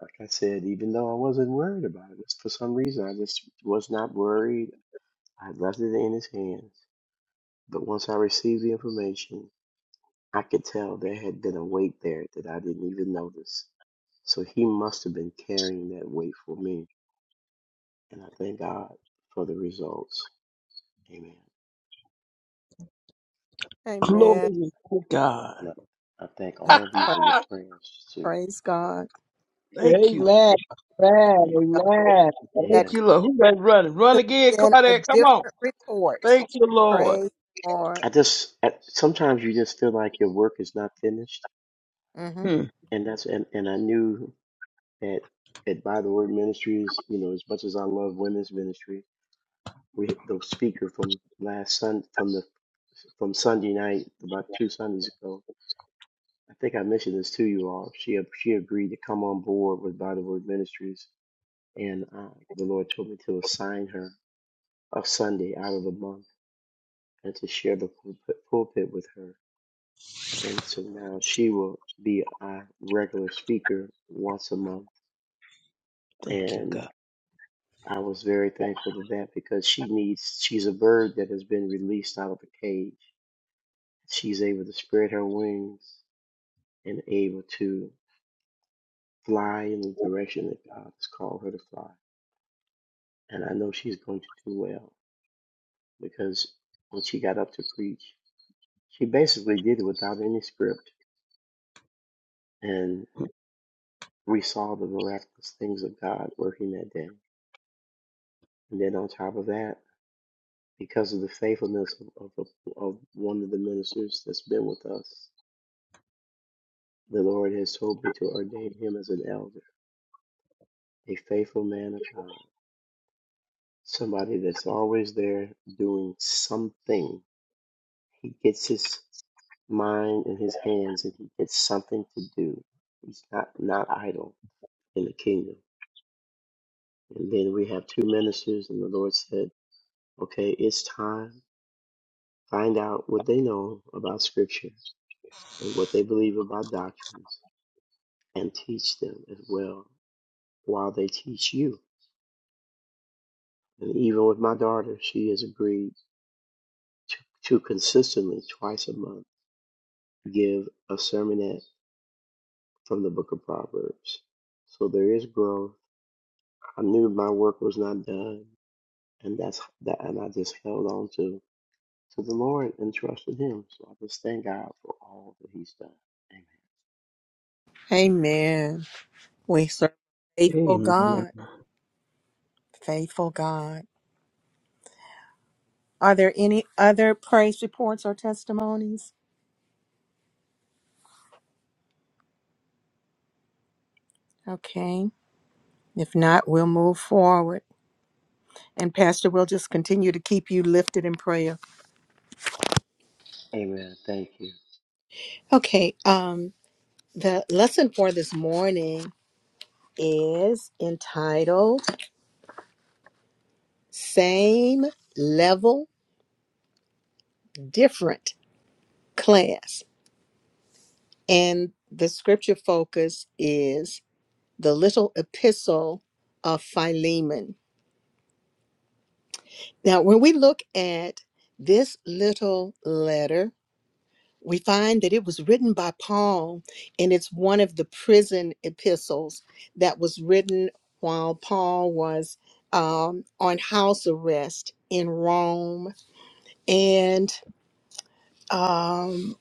Speaker 11: like I said, even though I wasn't worried about it, for some reason I just was not worried. I left it in his hands But once I received the information, I could tell there had been a weight there that I didn't even notice. So he must have been carrying that weight for me. And I thank God for the results. Amen.
Speaker 1: [laughs]
Speaker 7: Glory
Speaker 1: amen
Speaker 7: to God.
Speaker 11: And I, I thank all of you for your
Speaker 7: Oh,
Speaker 11: prayers too.
Speaker 1: Praise God.
Speaker 7: Thank you.
Speaker 11: I,
Speaker 12: Amen. Amen.
Speaker 11: amen.
Speaker 1: God,
Speaker 12: Amen.
Speaker 1: That
Speaker 7: Thank
Speaker 11: Yes.
Speaker 7: you, Lord. Who that running? Run
Speaker 1: could have
Speaker 7: again,
Speaker 1: been a
Speaker 7: Claudette. Come on.
Speaker 1: different report.
Speaker 7: Thank you, Lord.
Speaker 1: Praise the Lord.
Speaker 11: I just, I, sometimes you just feel like your work is not finished.
Speaker 1: hmm
Speaker 7: Mm,
Speaker 11: And that's, and, and I knew that at By the Word Ministries, you know, as much as I love women's ministry, we the speaker from last Sun from the from Sunday night about two Sundays ago. I think I mentioned this to you all. She she agreed to come on board with By the Word Ministries, and uh, the Lord told me to assign her a Sunday out of the month and to share the pulpit, pulpit with her. And so now she will be our regular speaker once a month.
Speaker 7: Thank you,
Speaker 11: And
Speaker 7: God.
Speaker 11: I was very thankful to that because she needs she's a bird that has been released out of a cage She's able to spread her wings and able to fly in the direction that God has called her to fly. And I know she's going to do well because when she got up to preach, she basically did it without any script. And we saw the miraculous things of God working that day. And then on top of that, because of the faithfulness of, of, of one of the ministers that's been with us, the Lord has told me to ordain him as an elder, a faithful man of God. somebody that's always there doing something. He gets his mind in his hands and he gets something to do. He's not, not idle in the kingdom. And then we have two ministers, and the Lord said, Okay, it's time. Find out what they know about Scripture and what they believe about doctrines and teach them as well while they teach you. And even with my daughter, she has agreed to, to consistently, twice a month, give a sermonette from the book of Proverbs. So there is growth. I knew my work was not done, and that's that, and I just held on to to the Lord and trusted Him. So I just thank God for all that He's done. Amen.
Speaker 1: Amen. We serve a faithful
Speaker 7: Amen.
Speaker 1: God. Faithful God. Are there any other praise reports or testimonies? Okay. If not, we'll move forward. And Pastor, we'll just continue to keep you lifted in prayer.
Speaker 11: Amen. Thank you.
Speaker 1: Okay. Um, the lesson for this morning is entitled Same level, different class. And the scripture focus is the little epistle of Philemon. Now, when we look at this little letter, we find that it was written by Paul, and it's one of the prison epistles that was written while Paul was um, on house arrest in Rome. And um,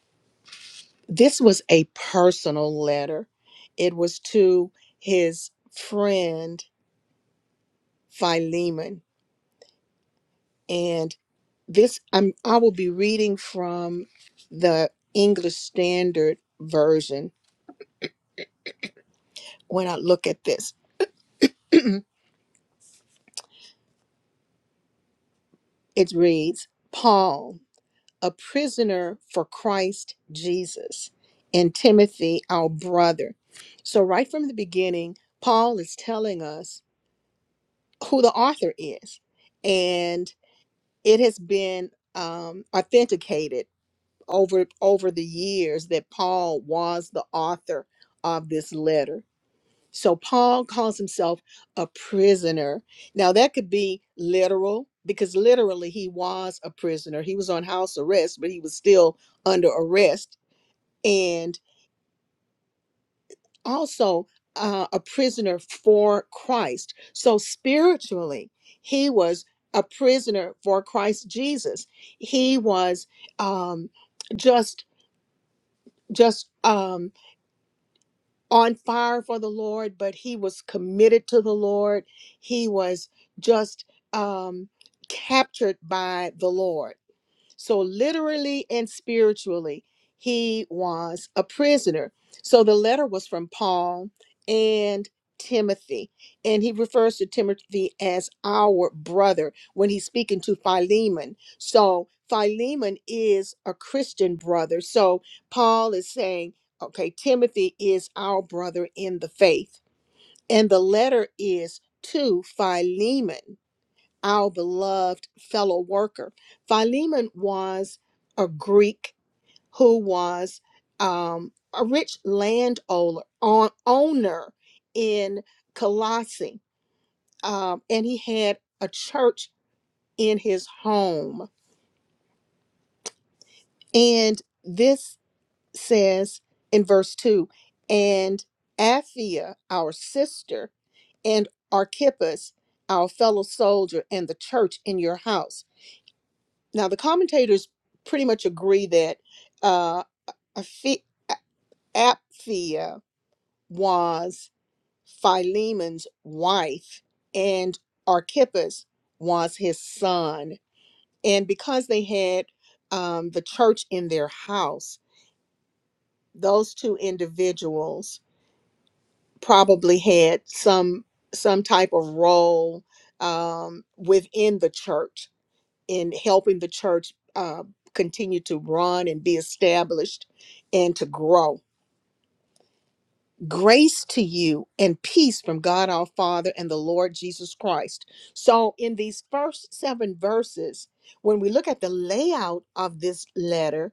Speaker 1: this was a personal letter. It was to his friend Philemon. And this I'm I will be reading from the English Standard Version when I look at this. It reads, Paul, a prisoner for Christ Jesus, and Timothy, our brother. So right from the beginning, Paul is telling us who the author is. And it has been um, authenticated over over the years that Paul was the author of this letter. So Paul calls himself a prisoner. Now that could be literal because literally he was a prisoner. He was on house arrest, but he was still under arrest. and. also uh, a prisoner for Christ. So spiritually, he was a prisoner for Christ Jesus. He was um, just just um, on fire for the Lord, but he was committed to the Lord. He was just um, captured by the Lord. So, literally and spiritually, he was a prisoner. So, the letter was from Paul and Timothy, and he refers to Timothy as our brother when he's speaking to Philemon. So, Philemon is a Christian brother. So, Paul is saying, okay, Timothy is our brother in the faith, and the letter is to Philemon our beloved fellow worker. Philemon was a Greek who was um, a rich landowner on, owner in Colossae, um, and he had a church in his home. And this says in verse 2 and Aphia, our sister, and Archippus, our fellow soldier, and the church in your house. Now, the commentators pretty much agree that uh, Aphi- Apphia was Philemon's wife and Archippus was his son. And because they had um, the church in their house, those two individuals probably had some some type of role um, within the church in helping the church uh, continue to run and be established and to grow. Grace to you and peace from God our Father and the Lord Jesus Christ. So, in these first seven verses, when we look at the layout of this letter,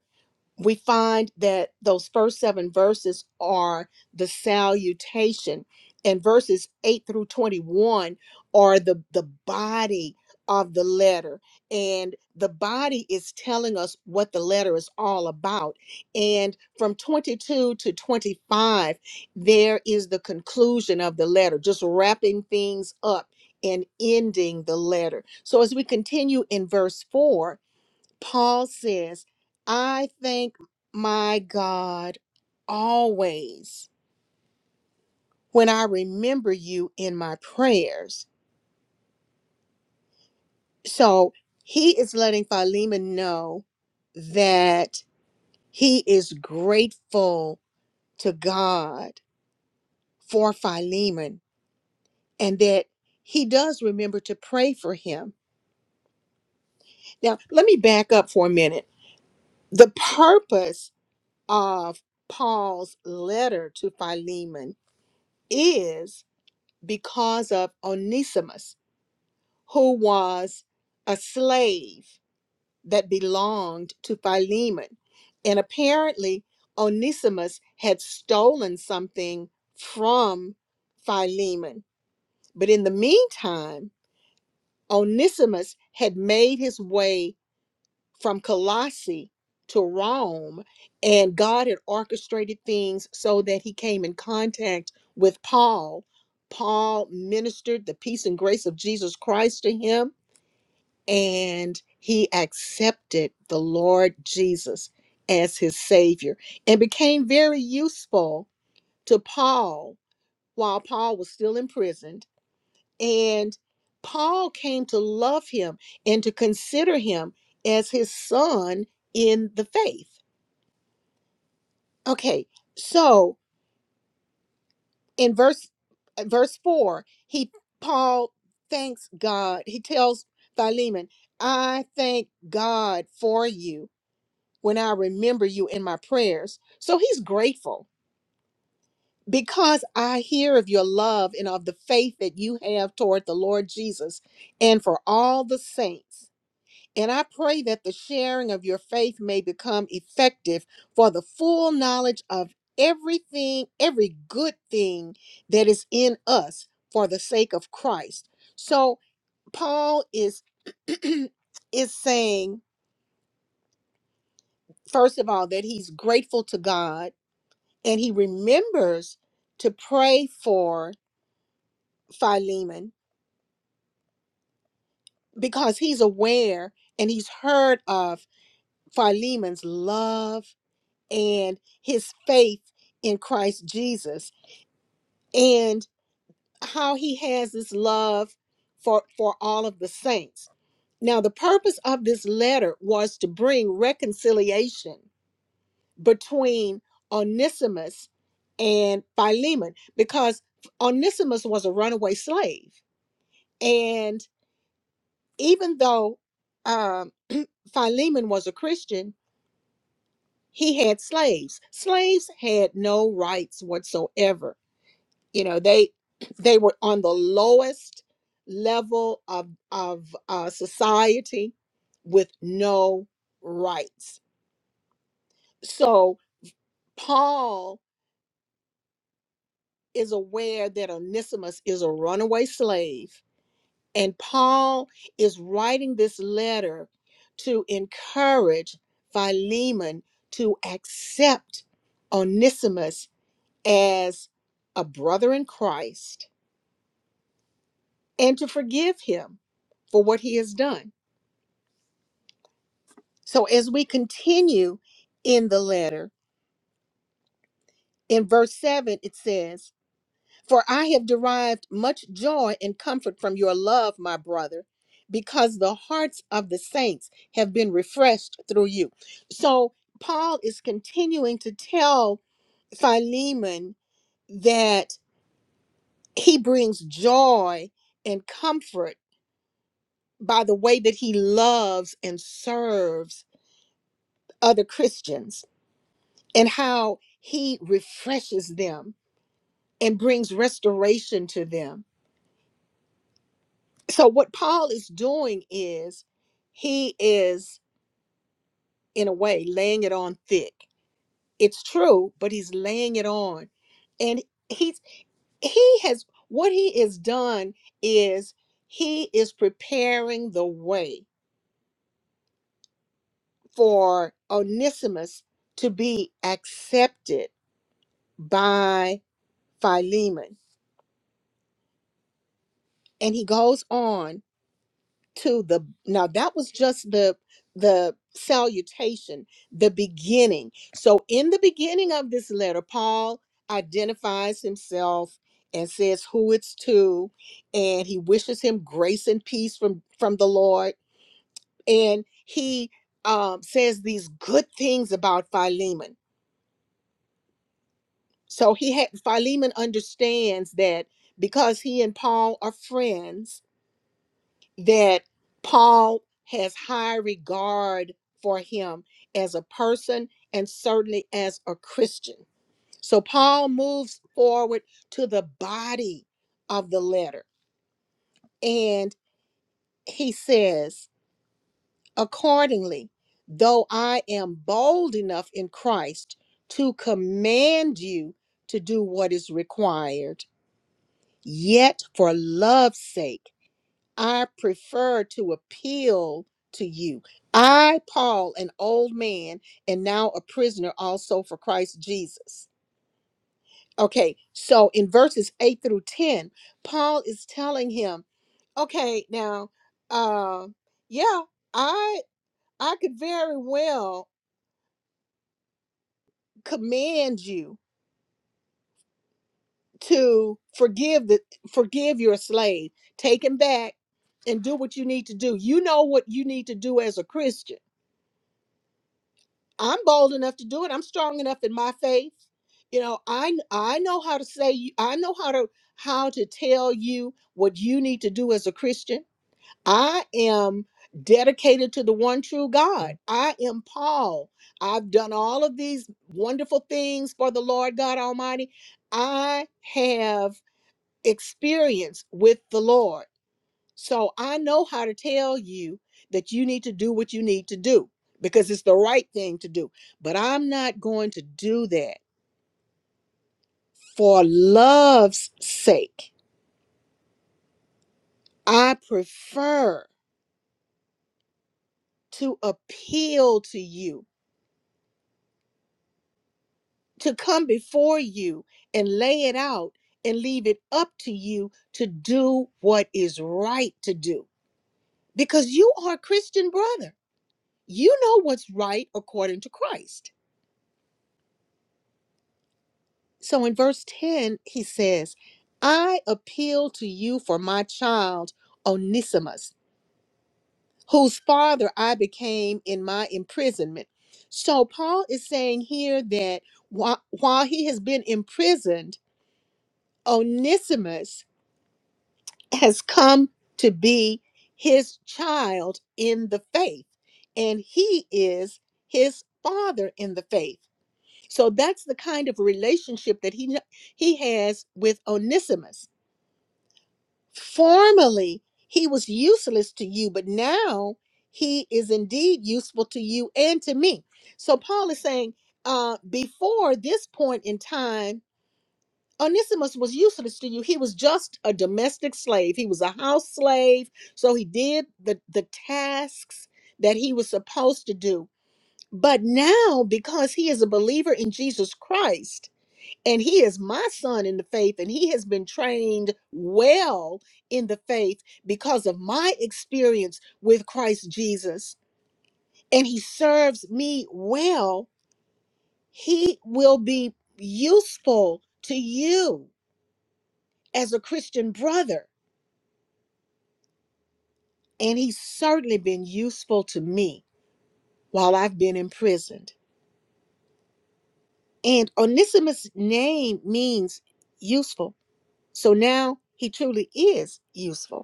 Speaker 1: we find that those first seven verses are the salutation and verses 8 through 21 are the the body of the letter and the body is telling us what the letter is all about and from 22 to 25 there is the conclusion of the letter just wrapping things up and ending the letter so as we continue in verse 4 Paul says, I thank my God always when I remember you in my prayers. So he is letting Philemon know that he is grateful to God for Philemon and that he does remember to pray for him. Now, let me back up for a minute. The purpose of Paul's letter to Philemon is because of Onesimus, who was a slave that belonged to Philemon. And apparently, Onesimus had stolen something from Philemon. But in the meantime, Onesimus had made his way from Colossae to Rome, and God had orchestrated things so that he came in contact with Paul. Paul ministered the peace and grace of Jesus Christ to him, and he accepted the Lord Jesus as his Savior and became very useful to Paul while Paul was still imprisoned. And Paul came to love him and to consider him as his son in the faith. Okay, so in verse uh, verse 4, he Paul thanks God. He tells Philemon, "I thank God for you when I remember you in my prayers." So he's grateful because I hear of your love and of the faith that you have toward the Lord Jesus and for all the saints. And I pray that the sharing of your faith may become effective for the full knowledge of everything, every good thing that is in us for the sake of Christ. So Paul is [clears throat] is saying first of all that he's grateful to God and he remembers to pray for Philemon because he's aware and he's heard of Philemon's love and his faith in Christ Jesus and how he has this love for for all of the saints. Now the purpose of this letter was to bring reconciliation between Onesimus and Philemon because Onesimus was a runaway slave and even though um, Philemon was a Christian, he had slaves. Slaves had no rights whatsoever you know they they were on the lowest level of of uh, society with no rights so paul is aware that onesimus is a runaway slave and paul is writing this letter to encourage philemon to accept onesimus as a brother in christ and to forgive him for what he has done So as we continue in the letter, in verse 7, it says, For I have derived much joy and comfort from your love, my brother, because the hearts of the saints have been refreshed through you. So Paul is continuing to tell Philemon that he brings joy and comfort by the way that he loves and serves other Christians and how he refreshes them and brings restoration to them. So, what Paul is doing is he is, in a way, laying it on thick. It's true, but he's laying it on. And he's, he has, what he has done is he is preparing the way for Onesimus to be accepted by Philemon. And he goes on to the now that was just the the salutation the beginning so in the beginning of this letter paul identifies himself and says who it's to and he wishes him grace and peace from from the lord and he um, says these good things about philemon so he had philemon understands that because he and paul are friends that Paul has high regard for him as a person and certainly as a Christian. So Paul moves forward to the body of the letter and he says, accordingly, though I am bold enough in Christ to command you to do what is required, yet for love's sake. I prefer to appeal to you. I, Paul, an old man, and now a prisoner also for Christ Jesus. Okay, so in verses 8 through 10, Paul is telling him, okay, now, uh, yeah, I I could very well command you to forgive the forgive your slave, take him back and do what you need to do. You know what you need to do as a Christian I'm bold enough to do it. I'm strong enough in my faith. You know, I kn- I know how to say you- I know how to how to tell you what you need to do as a Christian. I am dedicated to the one true God. I am Paul. I've done all of these wonderful things for the Lord God Almighty. I have experience with the Lord. So I know how to tell you that you need to do what you need to do because it's the right thing to do. But I'm not going to do that for love's sake. I prefer to appeal to you, to come before you and lay it out and leave it up to you to do what is right to do because you are a Christian brother. You know what's right according to Christ. So in verse 10, he says, I appeal to you for my child, Onesimus, whose father I became in my imprisonment. So Paul is saying here that while, while he has been imprisoned, Onesimus has come to be his child in the faith, and he is his father in the faith. So that's the kind of relationship that he he has with Onesimus Formerly, he was useless to you, but now he is indeed useful to you and to me. So Paul is saying, uh, before this point in time, Onesimus was useless to you. He was just a domestic slave. He was a house slave. So he did the, the tasks that he was supposed to do. But now, because he is a believer in Jesus Christ, and he is my son in the faith and he has been trained well in the faith because of my experience with Christ Jesus and he serves me well he will be useful to you as a Christian brother and he's certainly been useful to me while I've been imprisoned and Onesimus name means useful so now he truly is useful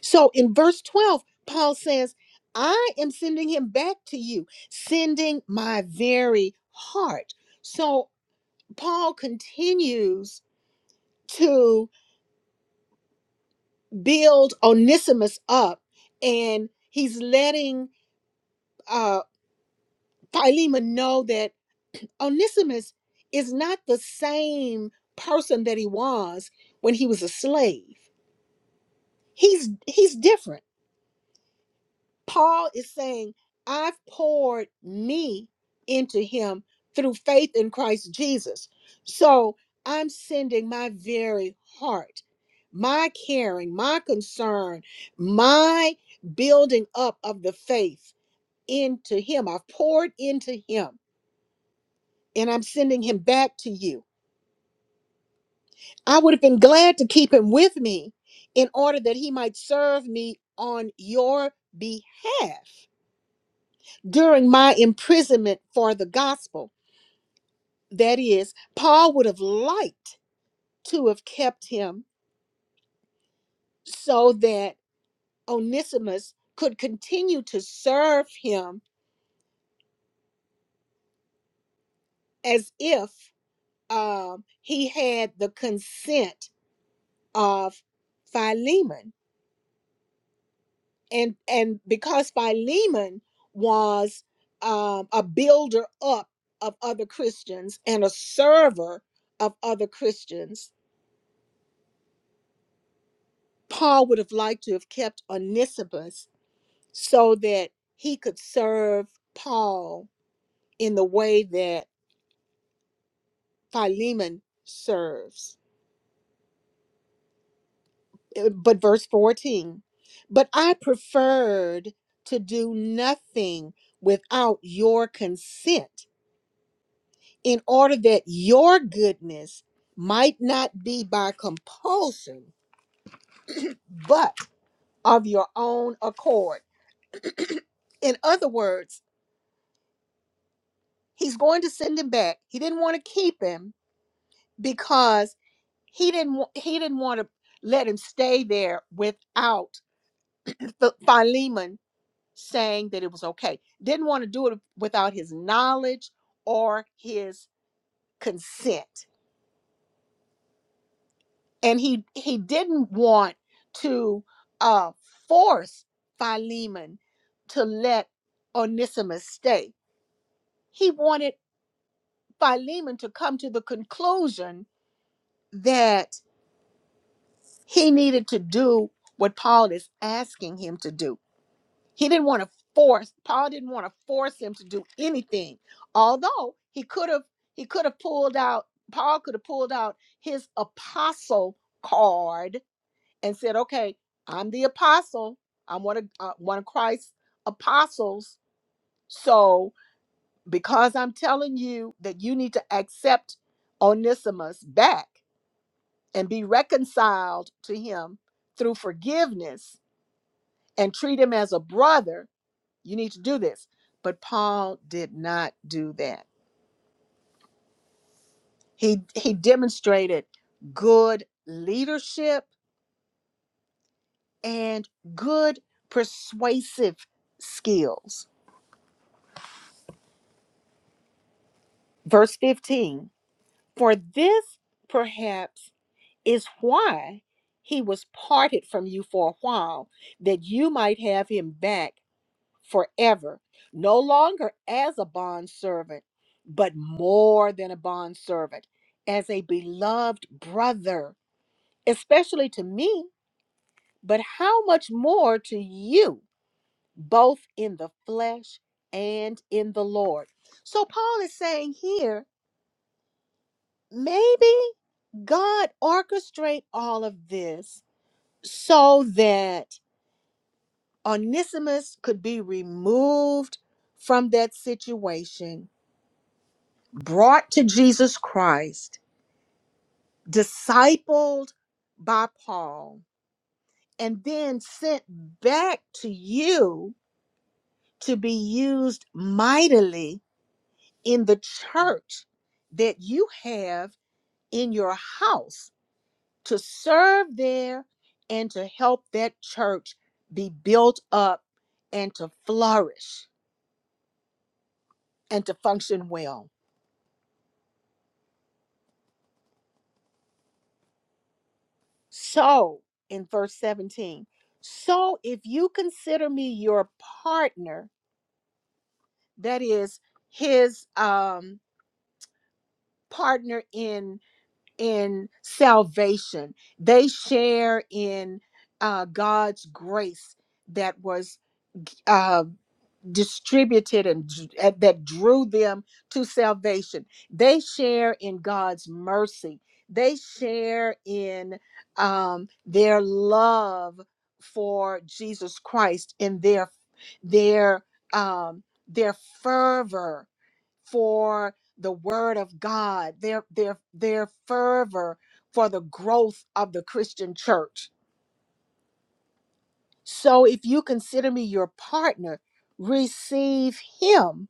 Speaker 1: So in verse 12, Paul says, I am sending him back to you, sending my very heart. So Paul continues to build Onesimus up, and he's letting uh, Philemon know that Onesimus is not the same person that he was when he was a slave. He's he's different Paul is saying, I've poured me into him through faith in Christ Jesus. So I'm sending my very heart, my caring, my concern, my building up of the faith into him. I've poured into him and I'm sending him back to you. I would have been glad to keep him with me in order that he might serve me on your behalf. during my imprisonment for the gospel. That is, Paul would have liked to have kept him so that Onesimus could continue to serve him as if um, he had the consent of Philemon. And, and because Philemon was um, a builder up of other Christians and a server of other Christians, Paul would have liked to have kept Onesimus so that he could serve Paul in the way that Philemon serves. Uh, But verse 14, but I preferred to do nothing without your consent in order that your goodness might not be by compulsion, but of your own accord. In other words, he's going to send him back. He didn't want to keep him, because he didn't wa- he didn't want to let him stay there without Ph- Philemon saying that it was okay. Didn't want to do it without his knowledge or his consent, and he he didn't want to uh, force Philemon to let Onesimus stay. He wanted Philemon to come to the conclusion that he needed to do what Paul is asking him to do He didn't want to force, Paul didn't want to force him to do anything. Although he could have, he could have pulled out, Paul could have pulled out his apostle card and said, okay, I'm the apostle. I'm one of, uh, one of Christ's apostles. So because I'm telling you that you need to accept Onesimus back and be reconciled to him through forgiveness and treat him as a brother, You need to do this. But Paul did not do that. He he demonstrated good leadership and good persuasive skills. Verse 15. For this perhaps is why he was parted from you for a while that you might have him back forever, no longer as a bondservant, but more than a bondservant, as a beloved brother, especially to me, but how much more to you, both in the flesh and in the Lord. So Paul is saying here, maybe God orchestrate all of this so that Onesimus could be removed from that situation brought to Jesus Christ, discipled by Paul, and then sent back to you to be used mightily in the church that you have in your house to serve there and to help that church be built up and to flourish and to function well. So, in verse 17, so if you consider me your partner, that is his um partner in in salvation. They share in uh God's grace that was um distributed and dr- uh, that drew them to salvation. They share in God's mercy. They share in um, their love for Jesus Christ and their their um, their fervor for the Word of God. Their their their fervor for the growth of the Christian church. So if you consider me your partner, receive him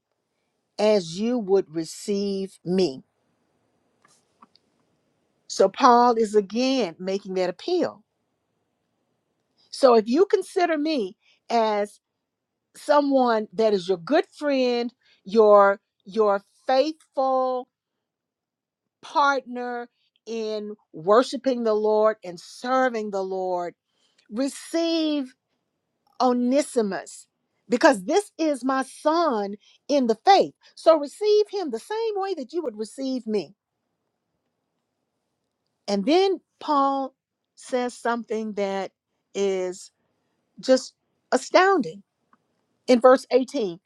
Speaker 1: as you would receive me. So Paul is again making that appeal. So if you consider me as someone that is your good friend, your your faithful partner in worshiping the Lord and serving the Lord, receive Onesimus because this is my son in the faith. So receive him the same way that you would receive me. And then Paul says something that is just astounding in verse 18.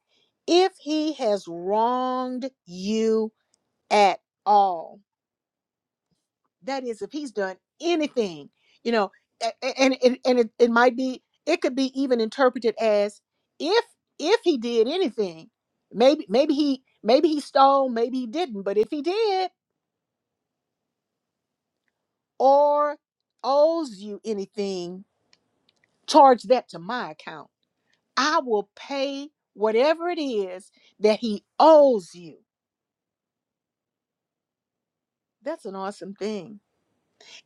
Speaker 1: If he has wronged you at all, that is, if he's done anything, you know, a- a- and and, and it, it might be, it could be even interpreted as if if he did anything, maybe maybe he maybe he stole, maybe he didn't, but if he did or owes you anything, charge that to my account I will pay whatever it is that he owes you. That's an awesome thing.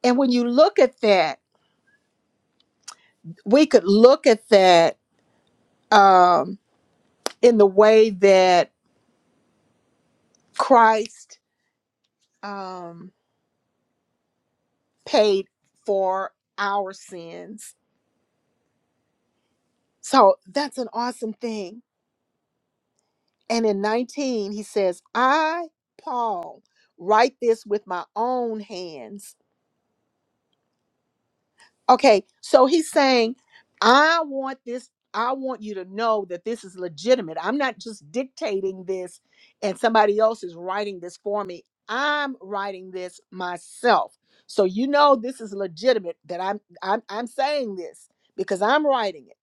Speaker 1: And when you look at that, we could look at that um, in the way that Christ um, paid for our sins. So that's an awesome thing. And in 19, he says, I, Paul, write this with my own hands. Okay, so he's saying, I want this, I want you to know that this is legitimate. I'm not just dictating this and somebody else is writing this for me. I'm writing this myself. So you know this is legitimate that I'm I'm I'm saying this because I'm writing it.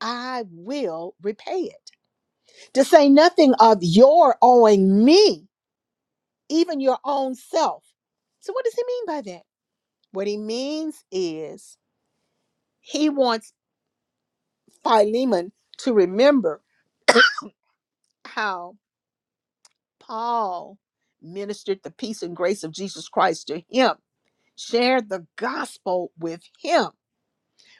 Speaker 1: I will repay it. To say nothing of your owing me, even your own self. So what does he mean by that? What he means is he wants Philemon to remember how Paul ministered the peace and grace of Jesus Christ to him, shared the gospel with him,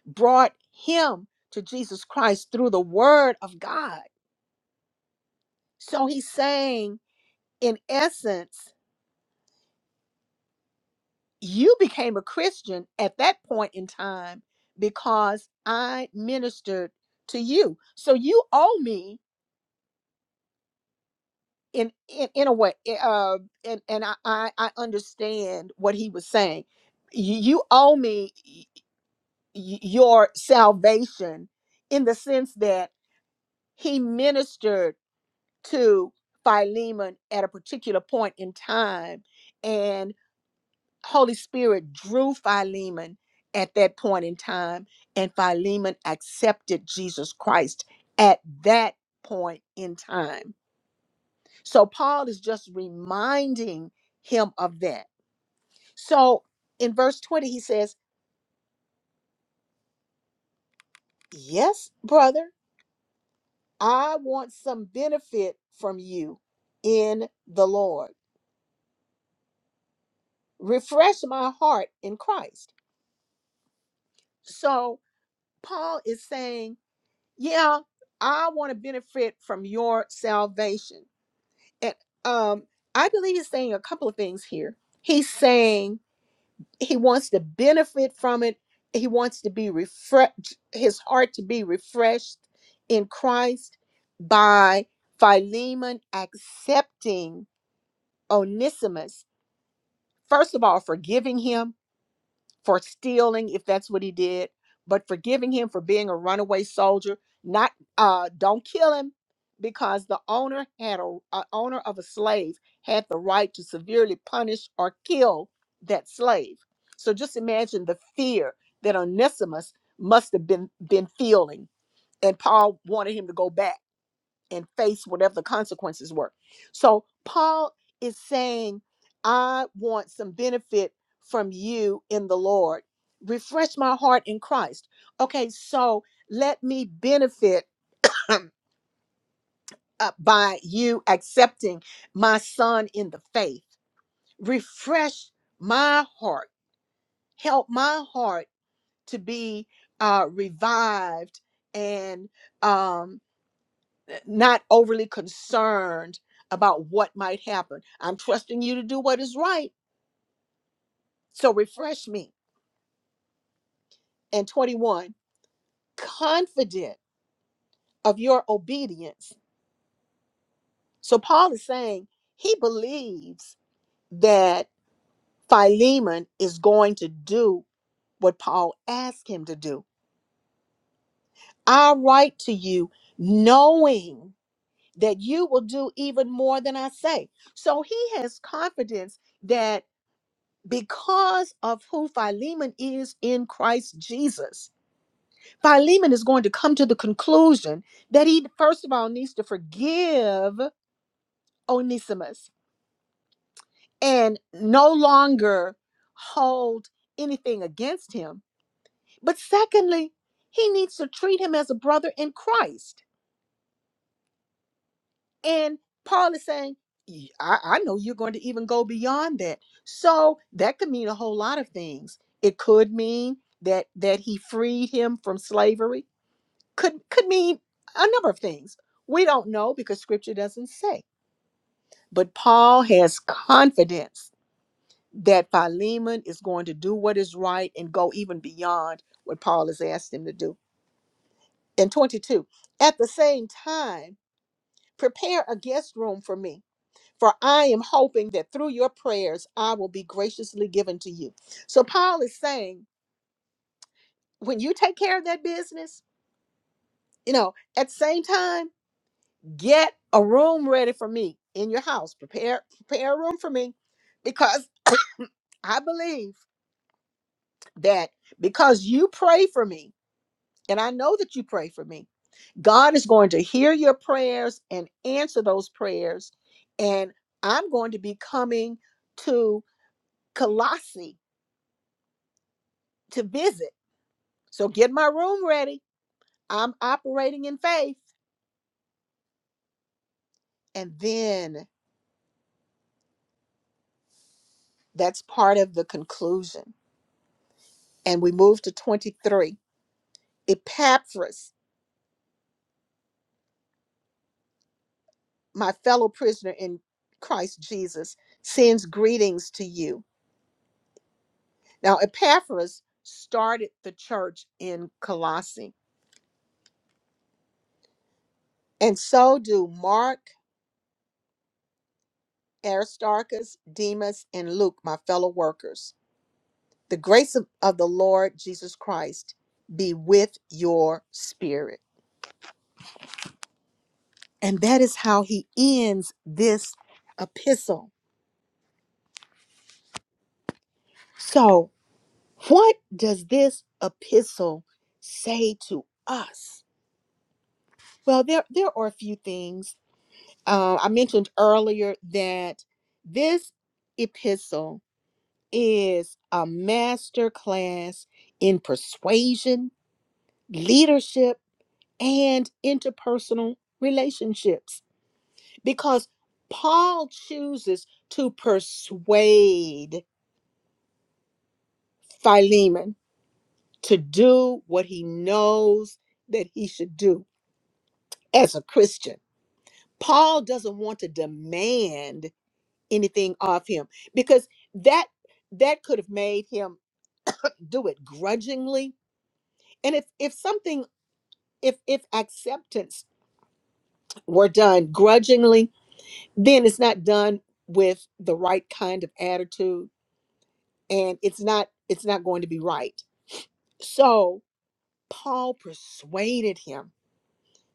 Speaker 1: brought him to Jesus Christ through the word of God. So he's saying, in essence, you became a Christian at that point in time because I ministered to you. So you owe me in in, in a way eh, uh and and I, I i understand what he was saying you, you owe me y- y- your salvation in the sense that he ministered to philemon at a particular point in time and holy spirit drew philemon at that point in time and philemon accepted jesus christ at that point in time So Paul is just reminding him of that. So in verse 20, he says, Yes, brother, I want some benefit from you in the Lord. Refresh my heart in Christ. So Paul is saying, Yeah, I want to benefit from your salvation. And um, I believe he's saying a couple of things here. He's saying he wants to benefit from it he wants to be refreshed his heart to be refreshed in christ by philemon accepting onesimus first of all forgiving him for stealing, if that's what he did, but forgiving him for being a runaway soldier. Not uh, don't kill him because the owner had a, a owner of a slave had the right to severely punish or kill that slave. So just imagine the fear that Onesimus must have been been feeling, and Paul wanted him to go back and face whatever the consequences were. So Paul is saying, I want some benefit from you in the Lord. Refresh my heart in Christ. Okay, so let me benefit [clears throat] uh, by you accepting my son in the faith. Refresh my heart. Help my heart to be uh, revived and um, eh, not overly concerned about what might happen. I'm trusting you to do what is right. So refresh me. And 21, confident of your obedience. So Paul is saying he believes that Philemon is going to do what Paul asked him to do. I write to you knowing that you will do even more than I say. So he has confidence that. because of who Philemon is in Christ Jesus. Philemon is going to come to the conclusion that he, first of all, needs to forgive Onesimus and no longer hold anything against him. But secondly, he needs to treat him as a brother in Christ And Paul is saying, "Y- I, I know you're going to even go beyond that. So that could mean a whole lot of things. It could mean that that he freed him from slavery. Could could mean a number of things. We don't know because scripture doesn't say. But Paul has confidence that Philemon is going to do what is right and go even beyond what Paul has asked him to do. And 22, at the same time, prepare a guest room for me For I am hoping that through your prayers, I will be graciously given to you. So Paul is saying, when you take care of that business, you know, at the same time, get a room ready for me in your house. Prepare, prepare a room for me because I believe that because you pray for me, and I know that you pray for me, God is going to hear your prayers and answer those prayers. And I'm going to be coming to Colossi to visit. So get my room ready. I'm operating in faith. And then that's part of the conclusion. And we move to 23. Epaphras, my fellow prisoner in Christ Jesus, sends greetings to you. Now, Epaphras started the church in Colossae, and so do Mark, Aristarchus, Demas, and Luke, my fellow workers. The grace of, of the Lord Jesus Christ be with your spirit. And that is how he ends this epistle. So, what does this epistle say to us? Well, there, there are a few things. Uh, I mentioned earlier that this epistle is a master class in persuasion, leadership, and interpersonal relationships because Paul chooses to persuade Philemon to do what he knows that he should do as a Christian. Paul doesn't want to demand anything of him because that that could have made him do it grudgingly. And if if something if if acceptance were done grudgingly, then it's not done with the right kind of attitude and it's not it's not going to be right. So Paul persuaded him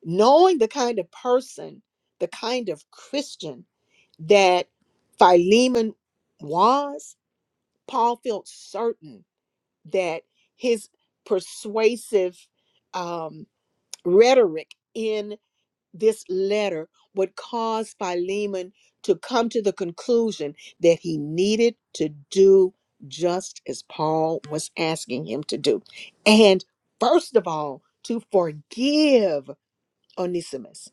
Speaker 1: knowing the kind of person, the kind of Christian that Philemon was, Paul felt certain that his persuasive um, rhetoric in this letter would cause Philemon to come to the conclusion that he needed to do just as Paul was asking him to do. And first of all, to forgive Onesimus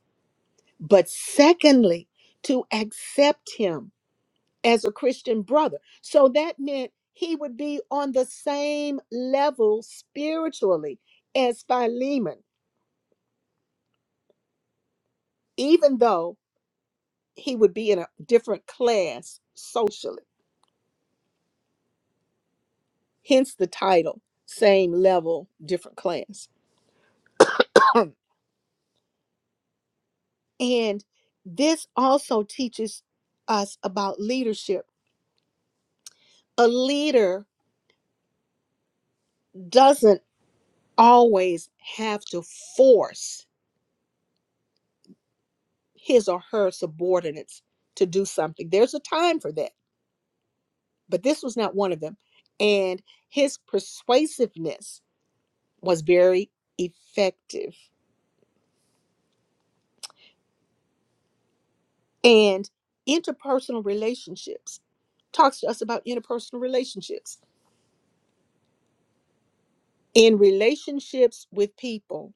Speaker 1: but secondly, to accept him as a Christian brother. So that meant he would be on the same level spiritually as Philemon, even though he would be in a different class socially, hence the title, same level, different class. [clears throat] and this also teaches us about leadership. A leader doesn't always have to force his or her subordinates to do something. There's a time for that, but this was not one of them. And his persuasiveness was very effective. And interpersonal relationships talks to us about interpersonal relationships. In relationships with people,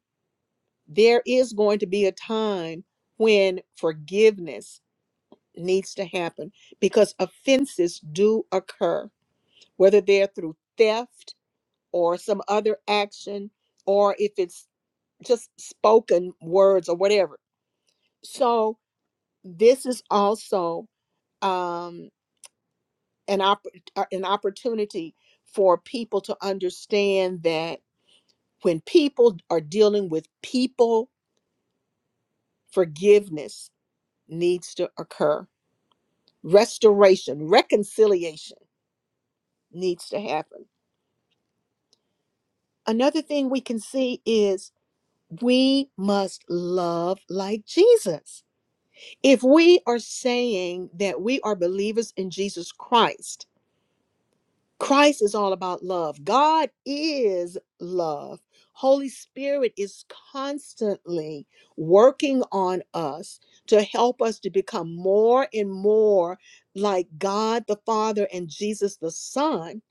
Speaker 1: there is going to be a time when forgiveness needs to happen because offenses do occur, whether they're through theft or some other action, or if it's just spoken words or whatever. So this is also um, an opp- uh, an opportunity for people to understand that when people are dealing with people, forgiveness needs to occur. Restoration, reconciliation needs to happen. Another thing we can see is we must love like Jesus If we are saying that we are believers in Jesus Christ, Christ is all about love. God is love. Holy Spirit is constantly working on us to help us to become more and more like God the Father and Jesus the Son.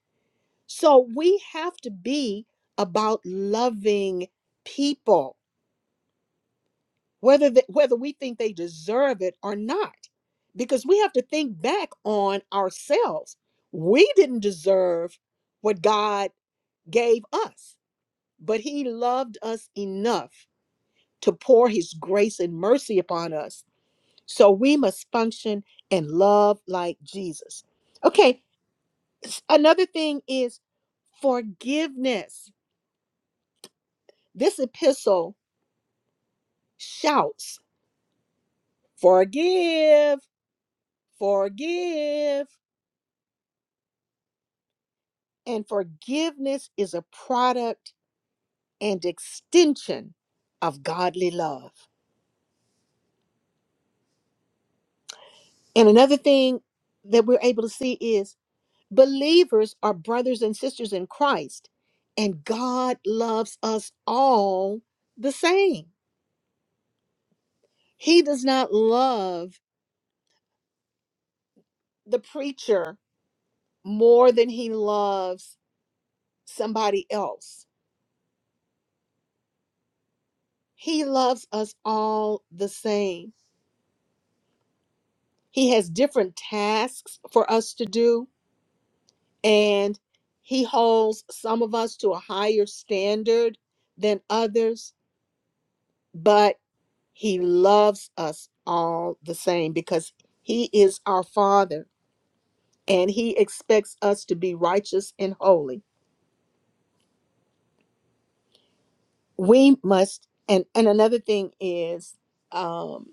Speaker 1: So we have to be about loving people whether that whether we think they deserve it or not because we have to think back on ourselves we didn't deserve what god gave us but he loved us enough to pour his grace and mercy upon us so we must function and love like jesus okay s- another thing is forgiveness this epistle shouts forgive forgive And forgiveness is a product and extension of godly love. And another thing that we're able to see is believers are brothers and sisters in Christ, and God loves us all the same. He does not love the preacher more than he loves somebody else. He loves us all the same. He has different tasks for us to do and he holds some of us to a higher standard than others, but he loves us all the same because he is our father and he expects us to be righteous and holy. We must, and, and another thing is, um,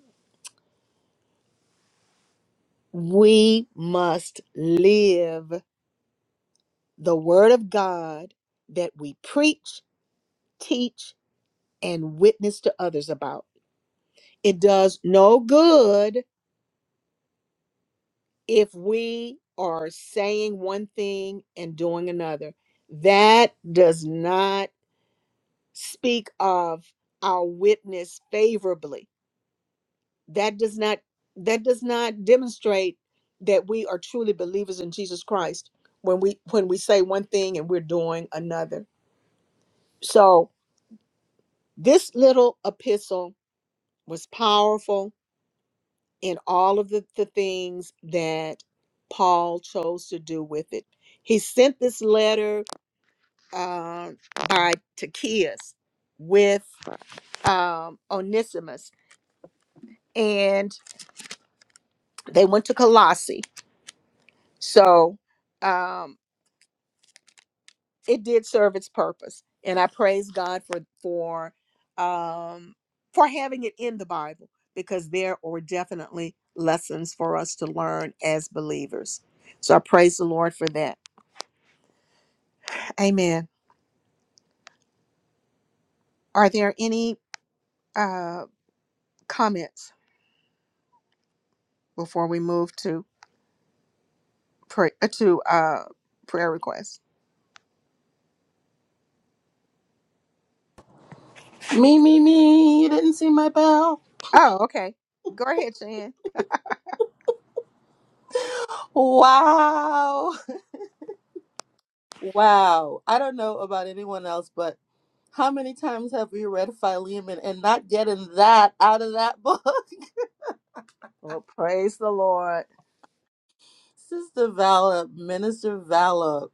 Speaker 1: we must live the word of God that we preach, teach, and witness to others about. It does no good if we are saying one thing and doing another, that does not speak of our witness favorably. That does not that does not demonstrate that we are truly believers in Jesus Christ when we when we say one thing and we're doing another. So this little epistle was powerful in all of the, the things that Paul chose to do with it. He sent this letter uh, by Takias with um, Onesimus, and they went to Colossae. So um, it did serve its purpose, and I praise God for for um, for having it in the Bible because there are definitely lessons for us to learn as believers. So I praise the Lord for that. Amen. Are there any uh, comments before we move to pray, uh, to uh, prayer requests?
Speaker 10: Me, me, me. You didn't see my bell.
Speaker 1: Oh, okay. Go ahead, Shan.
Speaker 10: Wow. Wow. I don't know about anyone else, but how many times have we read Philemon and not getting that out of that book? [laughs]
Speaker 1: Well, praise the Lord.
Speaker 10: Sister Vala, Minister Vala,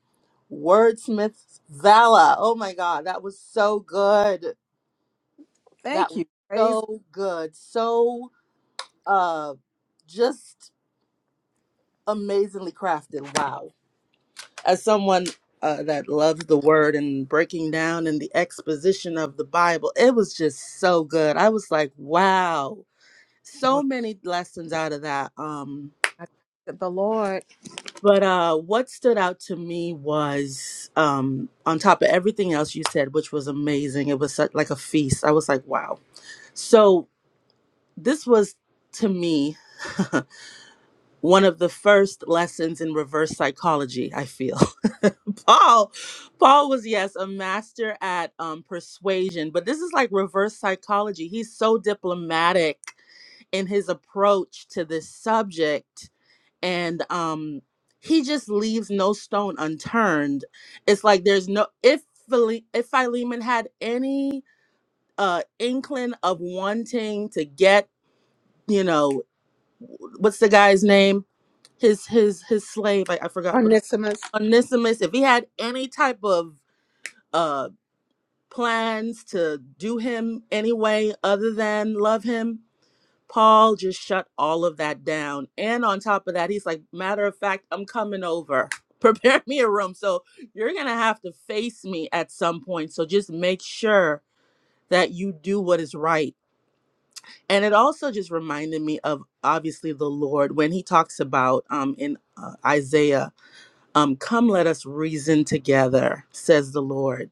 Speaker 10: Wordsmith Vala. Oh my God, that was so good. That
Speaker 1: Thank
Speaker 10: was
Speaker 1: you. Praise
Speaker 10: so good. So uh, just amazingly crafted. Wow. As someone uh, that loves the word and breaking down and the exposition of the Bible, it was just so good. I was like, wow,
Speaker 1: God.
Speaker 10: so many lessons out of that. Um,
Speaker 1: I thank the Lord.
Speaker 10: but uh, what stood out to me was um, on top of everything else you said, which was amazing. It was such, like a feast. I was like, wow. So this was to me [laughs] one of the first lessons in reverse psychology i feel [laughs] paul paul was yes a master at um, persuasion but this is like reverse psychology he's so diplomatic in his approach to this subject and um he just leaves no stone unturned it's like there's no if Phile- if philemon had any uh inkling of wanting to get you know what's the guy's name his his his slave I, I forgot what
Speaker 1: Onesimus.
Speaker 10: onesimus if he had any type of uh plans to do him anyway other than love him paul just shut all of that down and on top of that he's like matter of fact i'm coming over [laughs] prepare me a room so you're gonna have to face me at some point so just make sure that you do what is right and it also just reminded me of obviously the lord when he talks about um in uh, isaiah Um, Come, let us reason together, says the Lord.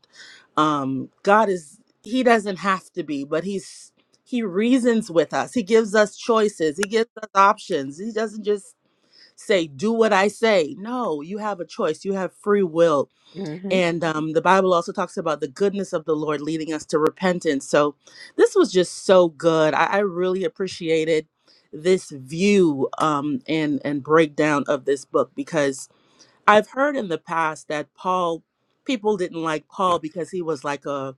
Speaker 10: Um, God is, He doesn't have to be, but He's, He reasons with us. He gives us choices, He gives us options. He doesn't just say, Do what I say. No, you have a choice, you have free will.
Speaker 1: hmm
Speaker 10: And um, the Bible also talks about the goodness of the Lord leading us to repentance. So this was just so good. I, I really appreciated this view um, and and breakdown of this book because I've heard in the past that Paul people didn't like Paul because he was like a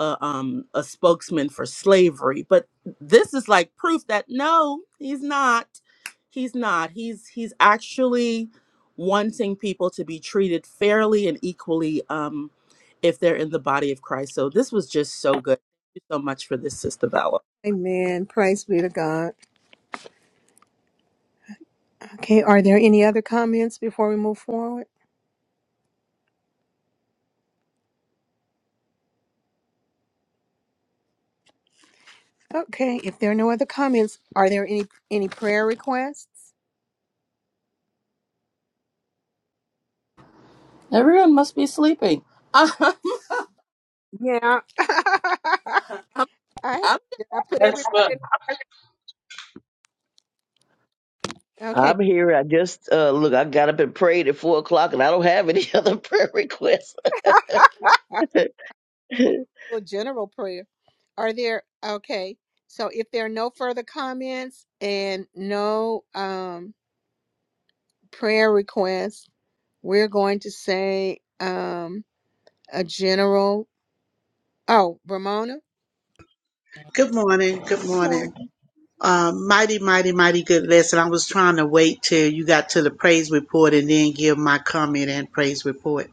Speaker 10: a, um, a spokesman for slavery, but this is like proof that no, he's not. He's not. He's he's actually wanting people to be treated fairly and equally um, if they're in the body of Christ. So this was just so good. Thank you so much for this, Sister Vala.
Speaker 1: Amen. Praise be to God. Okay. Are there any other comments before we move forward? Okay. If there are no other comments, are there any any prayer requests?
Speaker 10: Everyone must be sleeping. [laughs] I'm,
Speaker 1: Yeah. [laughs]
Speaker 10: I'm,
Speaker 1: I
Speaker 10: I
Speaker 1: did I put
Speaker 7: That's
Speaker 1: everybody
Speaker 7: fun.
Speaker 1: okay.
Speaker 9: I'm here. I just uh look, I got up and prayed at four o'clock and I don't have any [laughs] other prayer requests. [laughs]
Speaker 1: Well, a general prayer. Are there okay. So if there are no further comments and no um prayer requests, we're going to say um a general oh, Ramona.
Speaker 13: Good morning. Good
Speaker 1: Good
Speaker 13: morning.
Speaker 1: morning.
Speaker 13: Um, mighty, mighty, mighty good lesson. I was trying to wait till you got to the praise report and then give my comment and praise report.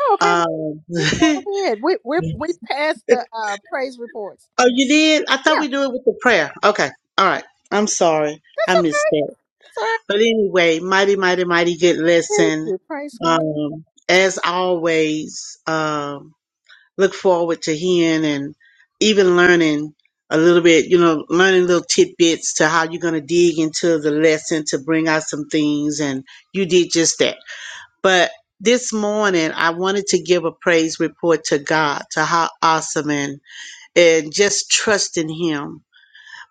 Speaker 1: Oh,
Speaker 13: Um, [laughs]
Speaker 1: okay, well,
Speaker 13: oh,
Speaker 1: you
Speaker 13: you
Speaker 1: go ahead. We we we passed the uh praise reports.
Speaker 13: did? I thought
Speaker 1: Yeah,
Speaker 13: we do it with the prayer. Okay. All right. I'm sorry.
Speaker 1: that's
Speaker 13: I missed
Speaker 1: okay.
Speaker 13: that.
Speaker 1: That's all right.
Speaker 13: But anyway, mighty, mighty, mighty good
Speaker 1: Thank
Speaker 13: lesson.
Speaker 1: you. Praise God.
Speaker 13: Um, as always, um, look forward to hearing and even learning a little bit, you know, learning little tidbits to how you're going to dig into the lesson to bring out some things. And you did just that. But this morning, I wanted to give a praise report to God, to how awesome and, and just trust in Him.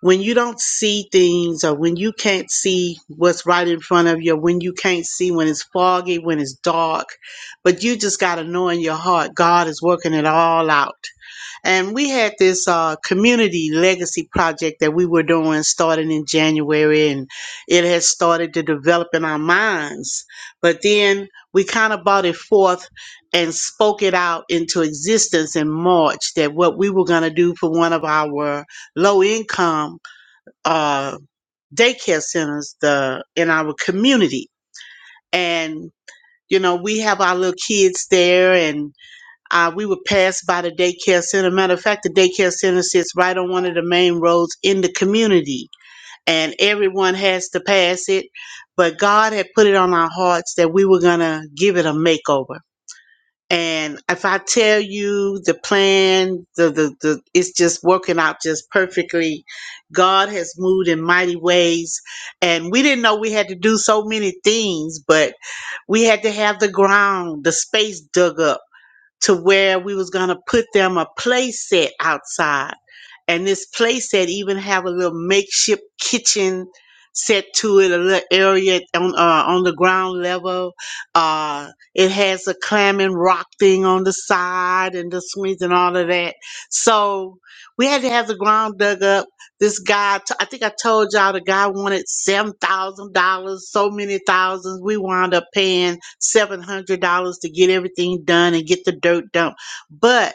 Speaker 13: When you don't see things or when you can't see what's right in front of you, when you can't see when it's foggy, when it's dark, but you just got to know in your heart, God is working it all out and we had this uh, community legacy project that we were doing starting in January, and it has started to develop in our minds. But then we kind of brought it forth and spoke it out into existence in March that what we were going to do for one of our low income uh, daycare centers the, in our community. And, you know, we have our little kids there, and uh, we would pass by the daycare center. Matter of fact, the daycare center sits right on one of the main roads in the community, and everyone has to pass it. But God had put it on our hearts that we were going to give it a makeover. And if I tell you the plan, the, the, the it's just working out just perfectly. God has moved in mighty ways. And we didn't know we had to do so many things, but we had to have the ground, the space dug up to where we was gonna put them a play set outside. And this play set even have a little makeshift kitchen set to it, a little area on uh, on the ground level. Uh, it has a clam and rock thing on the side and the swings and all of that. So we had to have the ground dug up this guy, t- I think I told y'all the guy wanted seven thousand dollars, so many thousands. We wound up paying seven hundred dollars to get everything done and get the dirt dumped. But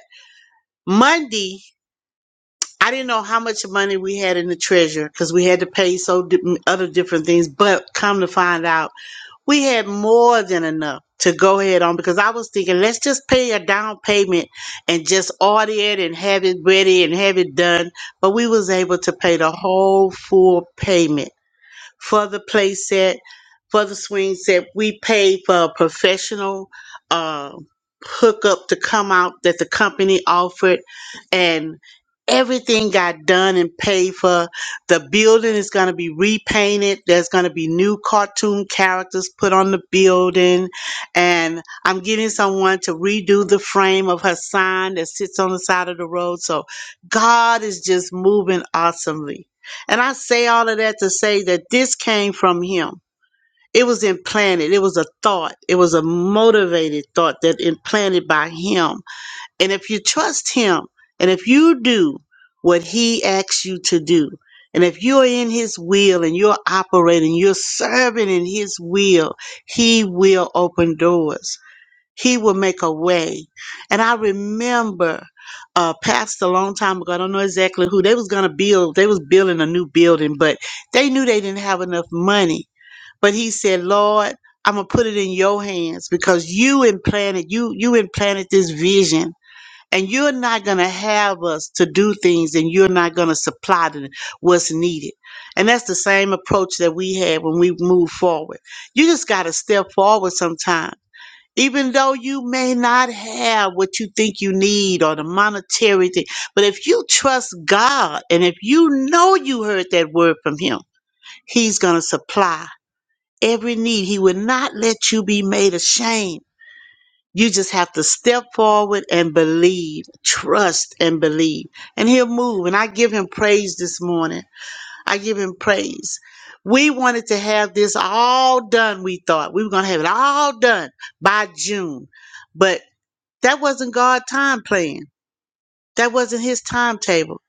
Speaker 13: Monday, I didn't know how much money we had in the treasure because we had to pay so di- other different things. But come to find out we had more than enough to go ahead on because I was thinking, let's just pay a down payment and just order it and have it ready and have it done. But we was able to pay the whole full payment for the play set, for the swing set. We paid for a professional uh, hookup to come out that the company offered, and everything got done and paid for. The building is going to be repainted. There's going to be new cartoon characters put on the building, and I'm getting someone to redo the frame of her sign that sits on the side of the road. So God is just moving awesomely and I say all of that to say that this came from him. It was implanted. It was a thought. It was a motivated thought that implanted by him. And if you trust him and if you do what he asks you to do, and if you're in his will and you're operating, you're serving in his will, he will open doors. He will make a way. And I remember uh passed a long time ago, I don't know exactly who, they was gonna build, they was building a new building, but they knew they didn't have enough money. But he said, Lord, I'm gonna put it in your hands because you implanted you you implanted this vision and you're not gonna have us to do things and you're not gonna supply the, what's needed. And that's the same approach that we had when we move forward. You just gotta step forward sometimes even though you may not have what you think you need or the monetary thing but if you trust god and if you know you heard that word from him he's going to supply every need he will not let you be made ashamed you just have to step forward and believe trust and believe and he'll move and i give him praise this morning i give him praise we wanted to have this all done we thought we were going to have it all done by june but that wasn't God time plan. That wasn't his timetable.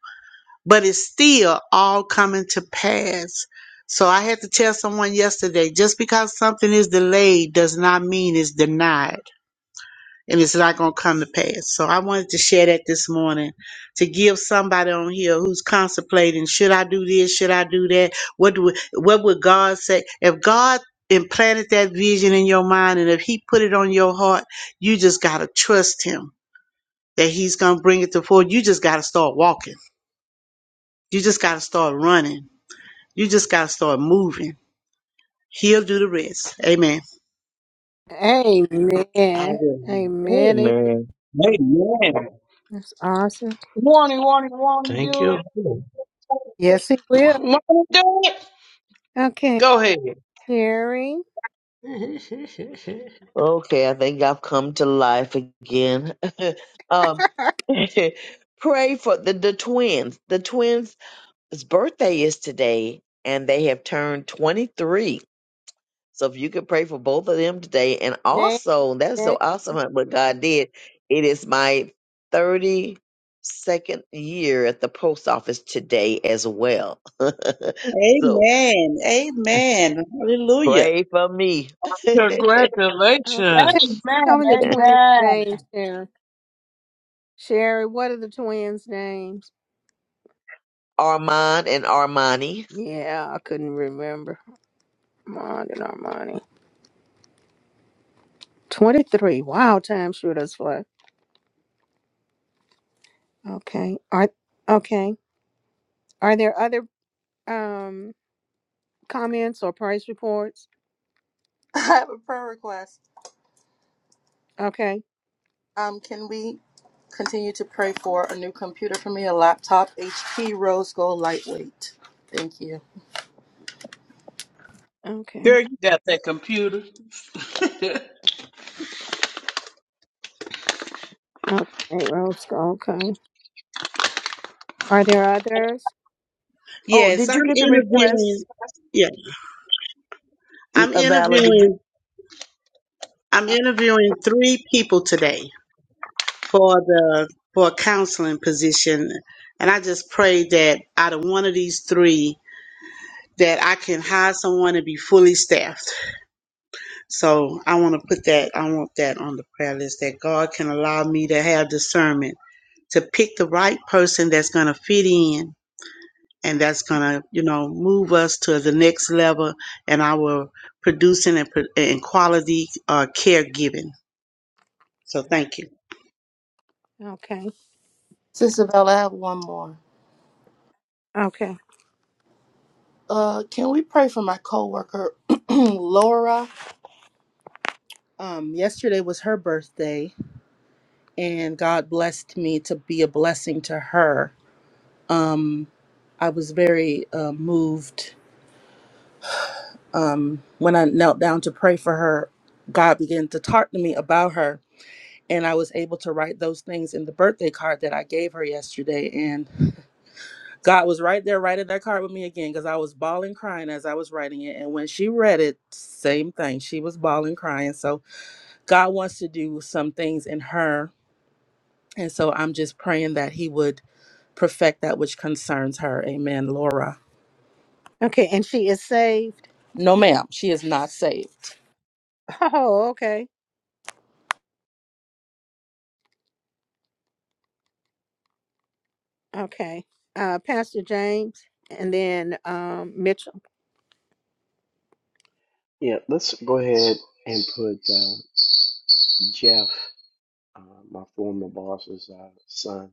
Speaker 13: But it's still all coming to pass. So I had to tell someone yesterday, just because something is delayed does not mean it's denied and it's not going to come to pass. So I wanted to share that this morning to give somebody on here who's contemplating, should I do this? Should I do that? What do we, what would God say? If God implanted that vision in your mind and if he put it on your heart, you just got to trust him that he's going to bring it to forward. You just got to start walking. You just got to start running. You just got to start moving. He'll do the rest. Amen. I
Speaker 1: Amen.
Speaker 13: will.
Speaker 1: Amen.
Speaker 9: Amen.
Speaker 7: Amen.
Speaker 1: That's awesome.
Speaker 12: Warning, warning, warning,
Speaker 7: Thank
Speaker 12: do
Speaker 7: you,
Speaker 12: it.
Speaker 7: Lord.
Speaker 1: Yes, he will.
Speaker 7: Want to do it?
Speaker 1: Okay,
Speaker 7: Go ahead.
Speaker 1: Terry.
Speaker 7: [laughs]
Speaker 9: Okay, I think I've come to life again. [laughs] um
Speaker 1: [laughs]
Speaker 9: [laughs] pray for the, the twins. The twins' birthday is today and they have turned twenty three. So if you could pray for both of them today, and
Speaker 1: Name,
Speaker 9: also that's so
Speaker 1: name.
Speaker 9: awesome how- what God did. It is my 32nd year at the post office today as well. [laughs] so
Speaker 13: Amen. Amen. Hallelujah.
Speaker 9: pray for me, [laughs]
Speaker 1: Okay, tell,
Speaker 7: Congratulations.
Speaker 1: tell me the twins'
Speaker 12: Amen.
Speaker 1: names, Terry. Sherry, what are the twins' names?
Speaker 9: Armand and Armani.
Speaker 1: Yeah, I couldn't remember. Armand and Armani. 23. Wow, time sure does fly. Okay. Are, okay. Are there other um comments or price reports?
Speaker 10: have a prayer request.
Speaker 1: Okay.
Speaker 10: Um, can we? Continue to pray for a new computer for me, a laptop, HP Rose Gold Lightweight. Thank you.
Speaker 1: Okay.
Speaker 7: Girl, you got that computer. [laughs]
Speaker 1: Okay. Roscoe. Okay. Are there others?
Speaker 9: Oh,
Speaker 13: Yes,
Speaker 9: did you
Speaker 13: I'm
Speaker 9: get the
Speaker 13: interviewing.
Speaker 9: requests,
Speaker 13: Yeah, I'm
Speaker 9: uh, Vala? Did you?
Speaker 13: interviewing. I'm
Speaker 1: Uh,
Speaker 13: interviewing three people today for the for a counseling position, and I just pray that out of one of these three, that I can hire someone and be fully staffed. So I want to put that, I want that on the prayer list that God can allow me to have discernment to pick the right person that's going to fit in and that's going to, you know, move us to the next level in our producing and, pro- and quality uh, caregiving. So thank you.
Speaker 1: Okay.
Speaker 10: Sister Bella, I have one more.
Speaker 1: Okay.
Speaker 10: Uh, can we pray for my coworker, [clears throat] Laura? Um, yesterday was her birthday, and God blessed me to be a blessing to her. Um, I was very uh, moved um, when I knelt down to pray for her. God began to talk to me about her, and I was able to write those things in the birthday card that I gave her yesterday. And God was right there writing that card with me again because I was bawling crying as I was writing it. And when she read it, same thing. She was bawling crying. So God wants to do some things in her. And so I'm just praying that he would perfect that which concerns her. Amen. Laura.
Speaker 1: Okay, and she is saved.
Speaker 10: No, ma'am. She is not saved.
Speaker 1: Oh, okay. Okay. Uh Pastor James and then um Mitchell.
Speaker 11: Yeah, let's go ahead and put uh, Jeff, uh, my former boss's uh, son,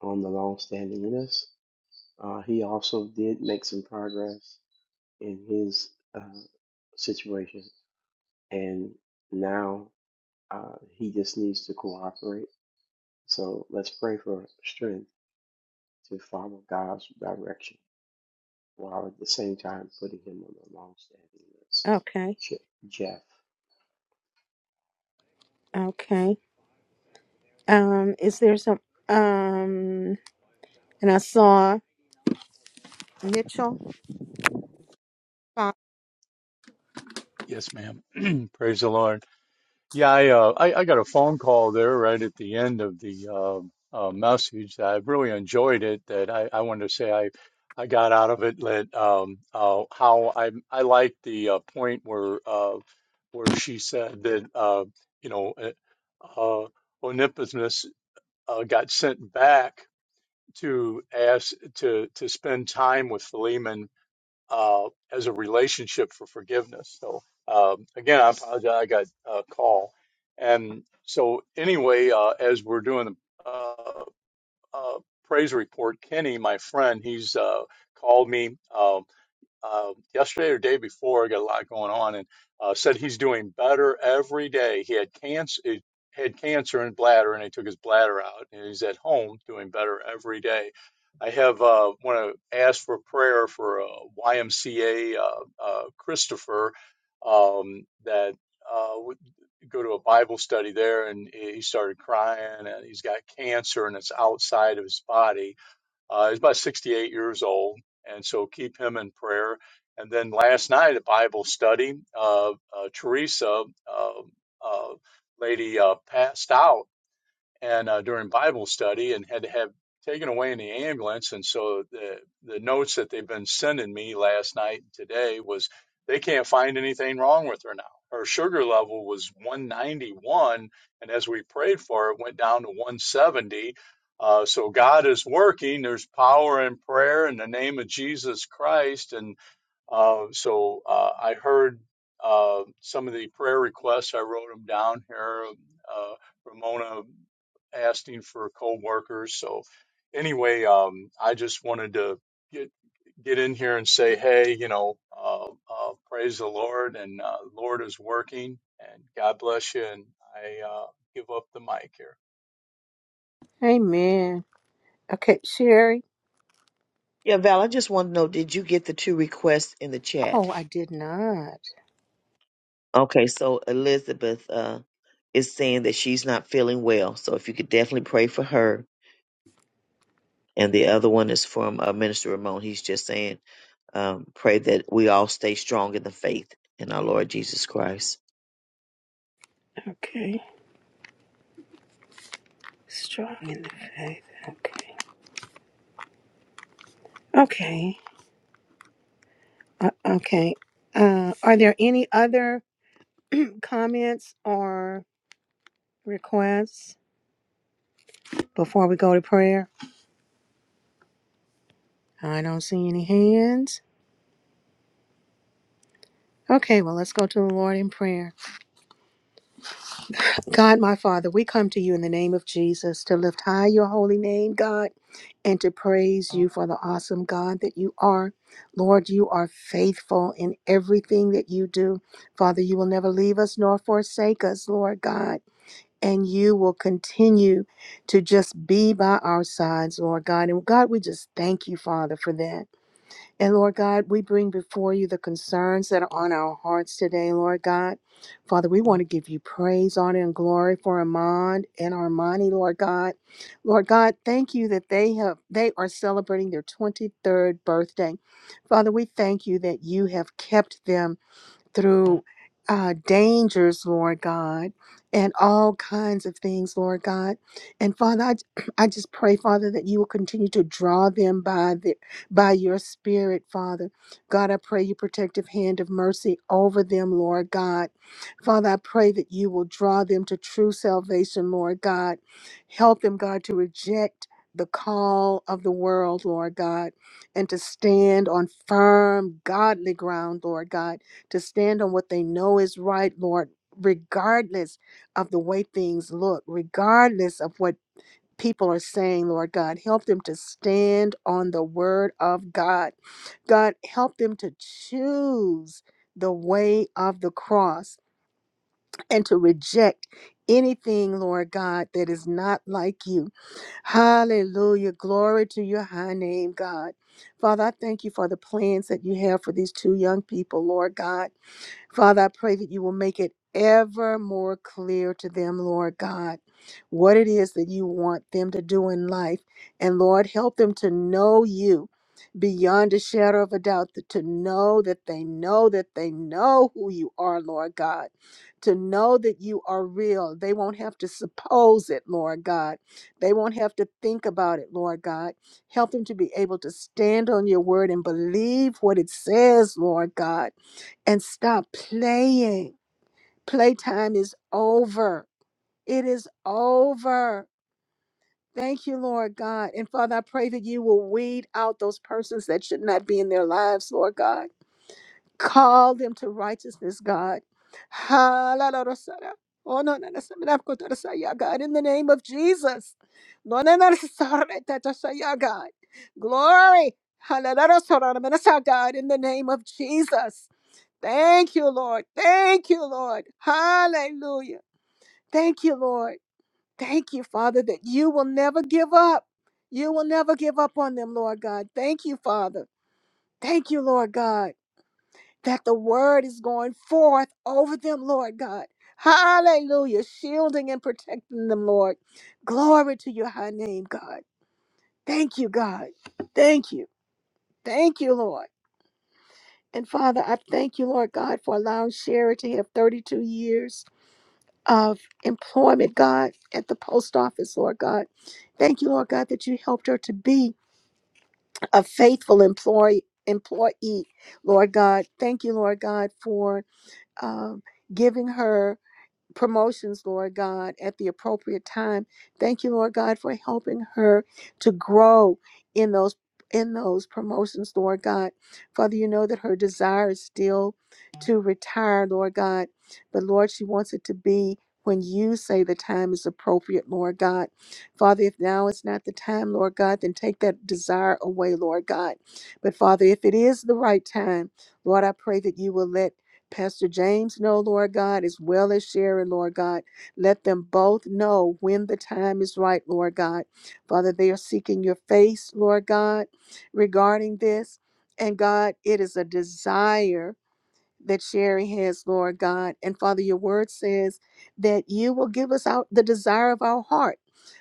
Speaker 11: on the long-standing list. Uh, he also did make some progress in his uh, situation, and now Uh, he just needs to cooperate. So let's pray for strength to follow God's direction while at the same time putting him on the long standing list.
Speaker 1: Okay.
Speaker 11: Je- Jeff.
Speaker 1: Okay. Um is there some um and I saw Mitchell. Uh,
Speaker 2: Yes, ma'am. [clears throat] Praise the Lord. Yeah, I, uh, I I got a phone call there right at the end of the uh, uh, message. I really enjoyed it. That I, I wanted to say I I got out of it that um, uh, how I I like the uh, point where uh, where she said that uh, you know uh, uh, Onesimus uh, got sent back to ask to to spend time with Philemon uh, as a relationship for forgiveness. So um, again, I apologize. I got a call, and so anyway, uh, as we're doing the uh, uh, praise report, Kenny, my friend, he's uh, called me. Um, um, yesterday or day before. Got a lot going on, and uh, said he's doing better every day. He had cancer, had cancer in bladder, and they took his bladder out, and he's at home doing better every day. I have uh, want to ask for prayer for uh, YMCA uh, uh, Christopher um, that uh, would go to a Bible study there, and he started crying, and he's got cancer, and it's outside of his body uh, he's about 68 years old, and so keep him in prayer. And then last night at Bible study, uh, uh, Teresa, uh, uh, lady, uh, passed out and uh, during Bible study and had to have taken away in the ambulance. And so the, the notes that they've been sending me last night and today was they can't find anything wrong with her now. Her sugar level was 191, and as we prayed for her, it went down to 170. Uh, so God is working. There's power in prayer in the name of Jesus Christ, and. Uh, so uh, I heard uh, some of the prayer requests. I wrote them down here. um, Uh, Ramona asking for co-workers. So anyway, um, I just wanted to get get in here and say, hey, you know, uh, uh, praise the Lord, and uh, Lord is working, and God bless you. And I uh, give up the mic here.
Speaker 1: Amen. Okay, Sherry.
Speaker 9: Yeah, Val. I just want to know, did you get the two requests in the chat?
Speaker 1: Oh, I did not.
Speaker 9: Okay, so Elizabeth uh, is saying that she's not feeling well, so if you could definitely pray for her. and the other one is from uh, Minister Ramon. He's just saying, um, pray that we all stay strong in the faith in our Lord Jesus Christ.
Speaker 1: Okay. Strong in the faith. Okay. Okay. Uh, okay. Uh are there any other comments or requests before we go to prayer? I don't see any hands. Okay, well, let's go to the Lord in prayer. God, my Father, we come to you in the name of Jesus to lift high your holy name, God, and to praise you for the awesome God that you are. Lord, you are faithful in everything that you do. Father, you will never leave us nor forsake us, Lord God. And you will continue to just be by our sides, Lord God. And God, we just thank you, Father, for that. And Lord God, we bring before you the concerns that are on our hearts today, Lord God. Father, we want to give you praise, honor, and glory for Amand and Armani, Lord God. Lord God, thank you that they have they are celebrating their 23rd birthday. Father, we thank you that you have kept them through uh, dangers, Lord God, and all kinds of things, Lord God. And Father, I, [clears throat] I just pray, Father, that you will continue to draw them by the by your Spirit, Father. God, I pray your protective hand of mercy over them, Lord God. Father, I pray that you will draw them to true salvation, Lord God. Help them, God, to reject the call of the world, Lord God, and to stand on firm, godly ground, Lord God to stand on what they know is right, Lord, regardless of the way things look, regardless of what people are saying, Lord God. Help them to stand on the word of God. God, help them to choose the way of the cross and to reject anything, Lord God, that is not like you. Hallelujah. Glory to your high name, God. Father, I thank you for the plans that you have for these two young people, Lord God. Father, I pray that you will make it ever more clear to them, Lord God, what it is that you want them to do in life. And Lord, help them to know you beyond a shadow of a doubt, th- to know that they know that they know who you are, Lord God, to know that you are real. They won't have to suppose it, Lord God. They won't have to think about it, Lord God. Help them to be able to stand on your word and believe what it says, Lord God and stop playing. Playtime is over. It is over. Thank you, Lord God. And Father, I pray that you will weed out those persons that should not be in their lives, Lord God. Call them to righteousness, God. Ha, la, la, la, sa, la. Oh, no, no, no, sa, la, ko, ta, la, sa, ya, God, in the name of Jesus. No, no, no, sa, ra, ta, ta, sa, ya, God. Glory. Ha, la, la, la, sa, ra, na, na, sa, God, in the name of Jesus. Thank you, Lord. Thank you, Lord. Hallelujah. Thank you, Lord. Thank you, Father, that you will never give up. You will never give up on them, Lord God. Thank you, Father. Thank you, Lord God, that the word is going forth over them, Lord God. Hallelujah. Shielding and protecting them, Lord. Glory to your high name, God. Thank you, God. Thank you. Thank you, Lord. And Father, I thank you, Lord God, for allowing Sherry to have 32 years of employment, God, at the post office, Lord God. Thank you, Lord God, that you helped her to be a faithful employee. Employee, Lord God, thank you, Lord God, for um, giving her promotions, Lord God, at the appropriate time. Thank you, Lord God, for helping her to grow in those in those promotions, Lord God. Father, you know that her desire is still to retire, Lord God, but Lord, she wants it to be when you say the time is appropriate, Lord God. Father, if now is not the time, Lord God, then take that desire away, Lord God. But Father, if it is the right time, Lord, I pray that you will let Pastor James know, Lord God, as well as Sharon, Lord God. Let them both know when the time is right, Lord God. Father, they are seeking your face, Lord God, regarding this. And God, it is a desire that Sherry has, Lord God. And Father, your word says that you will give us out the desire of our heart.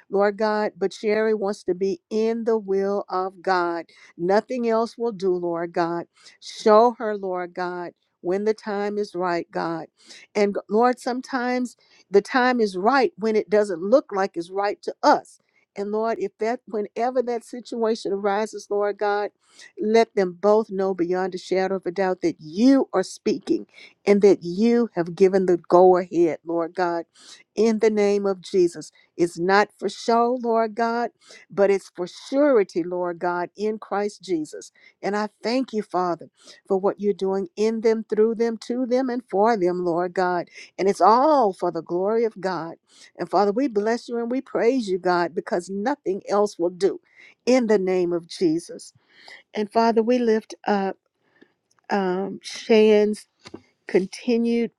Speaker 1: Lord God, but Sherry wants to be in the will of God. Nothing else will do, Lord God. Show her, Lord God, when the time is right, God. And Lord, sometimes the time is right when it doesn't look like it's right to us. And Lord, if that, whenever that situation arises, Lord God, let them both know beyond a shadow of a doubt that you are speaking and that you have given the go ahead, Lord God, in the name of Jesus. It's not for show, Lord God, but it's for surety, Lord God, in Christ Jesus. And I thank you, Father, for what you're doing in them, through them, to them, and for them, Lord God. And it's all for the glory of God. And Father, we bless you and we praise you, God, because nothing else will do in the name of Jesus. And Father, we lift up um, Shane's continued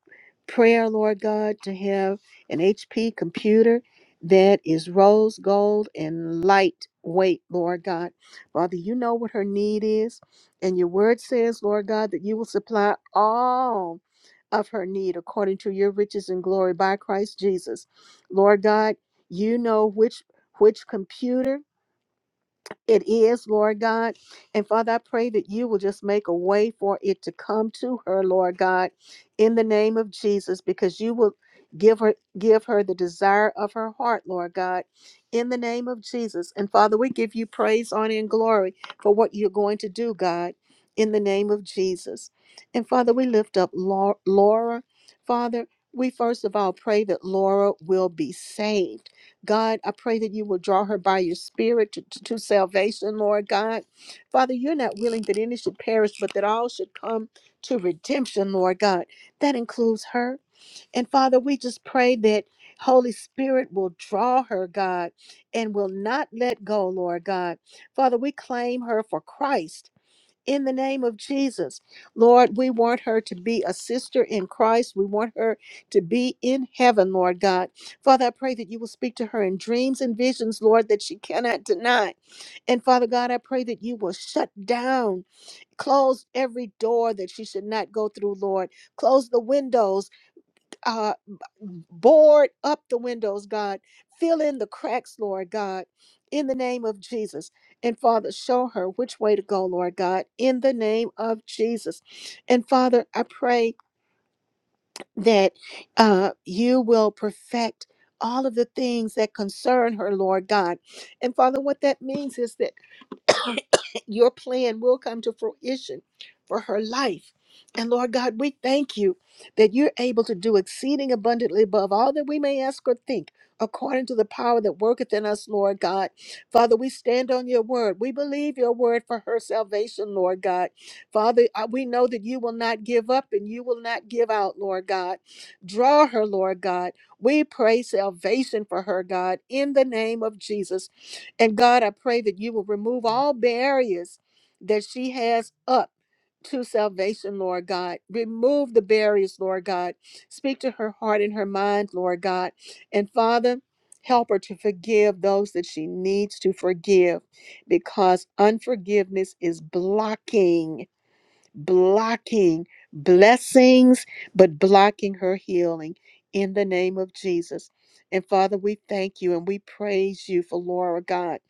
Speaker 1: prayer, Lord God, to have an HP computer that is rose gold and lightweight, Lord God. Father, you know what her need is. And your word says, Lord God, that you will supply all of her need according to your riches and glory by Christ Jesus. Lord God, you know which which computer it is, Lord God. And Father, I pray that you will just make a way for it to come to her, Lord God, in the name of Jesus, because you will give her give her the desire of her heart, Lord God, in the name of Jesus. And Father, we give you praise, honor, and glory for what you're going to do, God, in the name of Jesus. And Father, we lift up Lau- Laura. Father, we first of all pray that Laura will be saved. God, I pray that you will draw her by your spirit to, to, to salvation, Lord God. Father, you're not willing that any should perish, but that all should come to redemption, Lord God. That includes her. And Father, we just pray that Holy Spirit will draw her, God, and will not let go, Lord God. Father, we claim her for Christ in the name of Jesus. Lord, we want her to be a sister in Christ. We want her to be in heaven, Lord God. Father, I pray that you will speak to her in dreams and visions, Lord, that she cannot deny. And Father God, I pray that you will shut down, close every door that she should not go through, Lord. Close the windows uh, b- board up the windows, God. Fill in the cracks, Lord God, in the name of Jesus. And Father, show her which way to go, Lord God, in the name of Jesus. And Father, I pray that uh, you will perfect all of the things that concern her, Lord God. And Father, what that means is that [coughs] your plan will come to fruition for her life. And Lord God, we thank you that you're able to do exceeding abundantly above all that we may ask or think, according to the power that worketh in us, Lord God. Father, we stand on your word. We believe your word for her salvation, Lord God. Father, uh, we know that you will not give up and you will not give out, Lord God. Draw her, Lord God. We pray salvation for her, God, in the name of Jesus. And God, I pray that you will remove all barriers that she has up to salvation, Lord God. Remove the barriers, Lord God. Speak to her heart and her mind, Lord God. And Father, help her to forgive those that she needs to forgive because unforgiveness is blocking blocking blessings, but blocking her healing in the name of Jesus. And Father, we thank you and we praise you for Laura, God.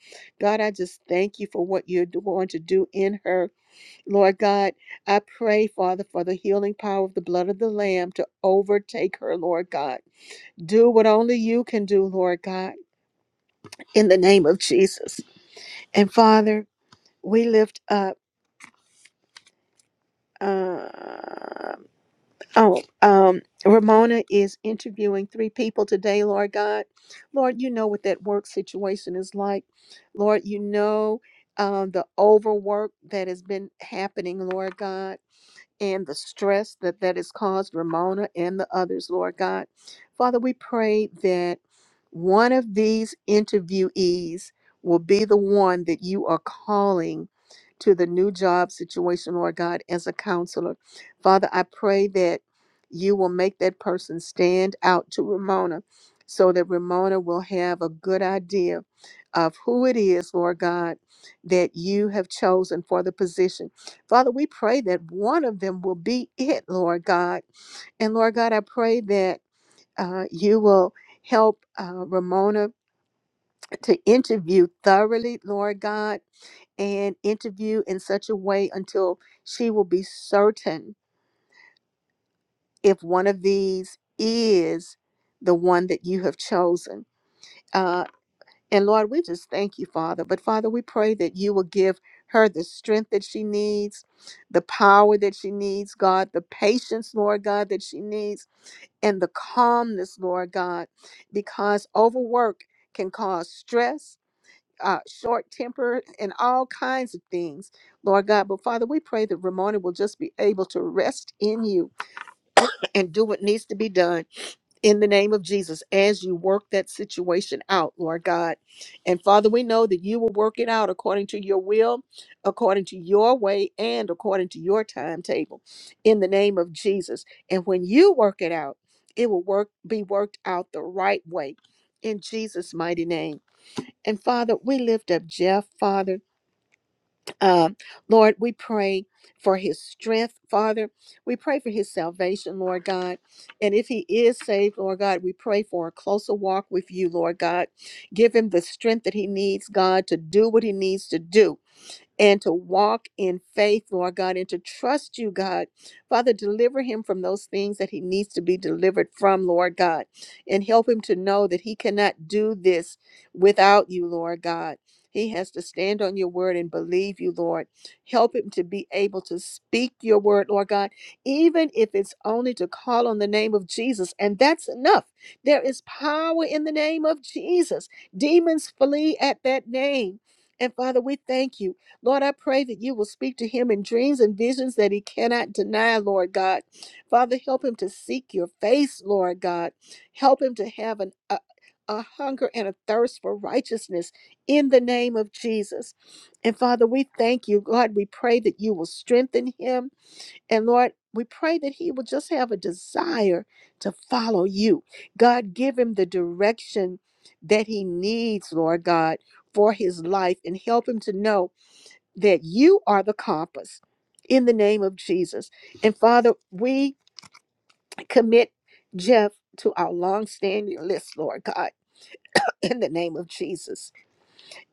Speaker 1: God, I just thank you for what you're going to do in her. Lord God, I pray, Father, for the healing power of the blood of the Lamb to overtake her, Lord God. Do what only you can do, Lord God, in the name of Jesus. And Father, we lift up. uh, Oh, um, Ramona is interviewing three people today, Lord God. Lord, you know what that work situation is like. Lord, you know um, the overwork that has been happening, Lord God and the stress that that has caused Ramona and the others, Lord God. Father, we pray that one of these interviewees will be the one that you are calling to the new job situation, Lord God, as a counselor. Father, I pray that you will make that person stand out to Ramona so that Ramona will have a good idea of who it is, Lord God, that you have chosen for the position. Father, we pray that one of them will be it, Lord God. And Lord God, I pray that uh, you will help uh, Ramona to interview thoroughly, Lord God, and interview in such a way until she will be certain if one of these is the one that you have chosen. Uh, And Lord, we just thank you, Father. But Father, we pray that you will give her the strength that she needs, the power that she needs, God, the patience, Lord God, that she needs and the calmness, Lord God, because overwork can cause stress, uh, short temper, and all kinds of things, Lord God. But Father, we pray that Ramona will just be able to rest in you and do what needs to be done in the name of Jesus as you work that situation out, Lord God. And Father, we know that you will work it out according to your will, according to your way, and according to your timetable in the name of Jesus. And when you work it out, it will work be worked out the right way in Jesus mighty name. And Father, we lift up Jeff, Father. Uh, Lord, we pray for his strength, Father. We pray for his salvation, Lord God. And if he is saved, Lord God, we pray for a closer walk with you, Lord God. Give him the strength that he needs, God, to do what he needs to do and to walk in faith, Lord God, and to trust you, God. Father, deliver him from those things that he needs to be delivered from, Lord God, and help him to know that he cannot do this without you, Lord God. He has to stand on your word and believe you, Lord. Help him to be able to speak your word, Lord God, even if it's only to call on the name of Jesus. And that's enough. There is power in the name of Jesus. Demons flee at that name. And Father, we thank you. Lord, I pray that you will speak to him in dreams and visions that he cannot deny, Lord God. Father, help him to seek your face, Lord God. Help him to have an, a, a hunger and a thirst for righteousness in the name of Jesus. And Father, we thank you, God. We pray that you will strengthen him. And Lord, we pray that he will just have a desire to follow you. God, give him the direction that he needs, Lord God, for his life and help him to know that you are the compass in the name of Jesus. And Father, we commit Jeff to our long-standing list, Lord God, [laughs] in the name of Jesus.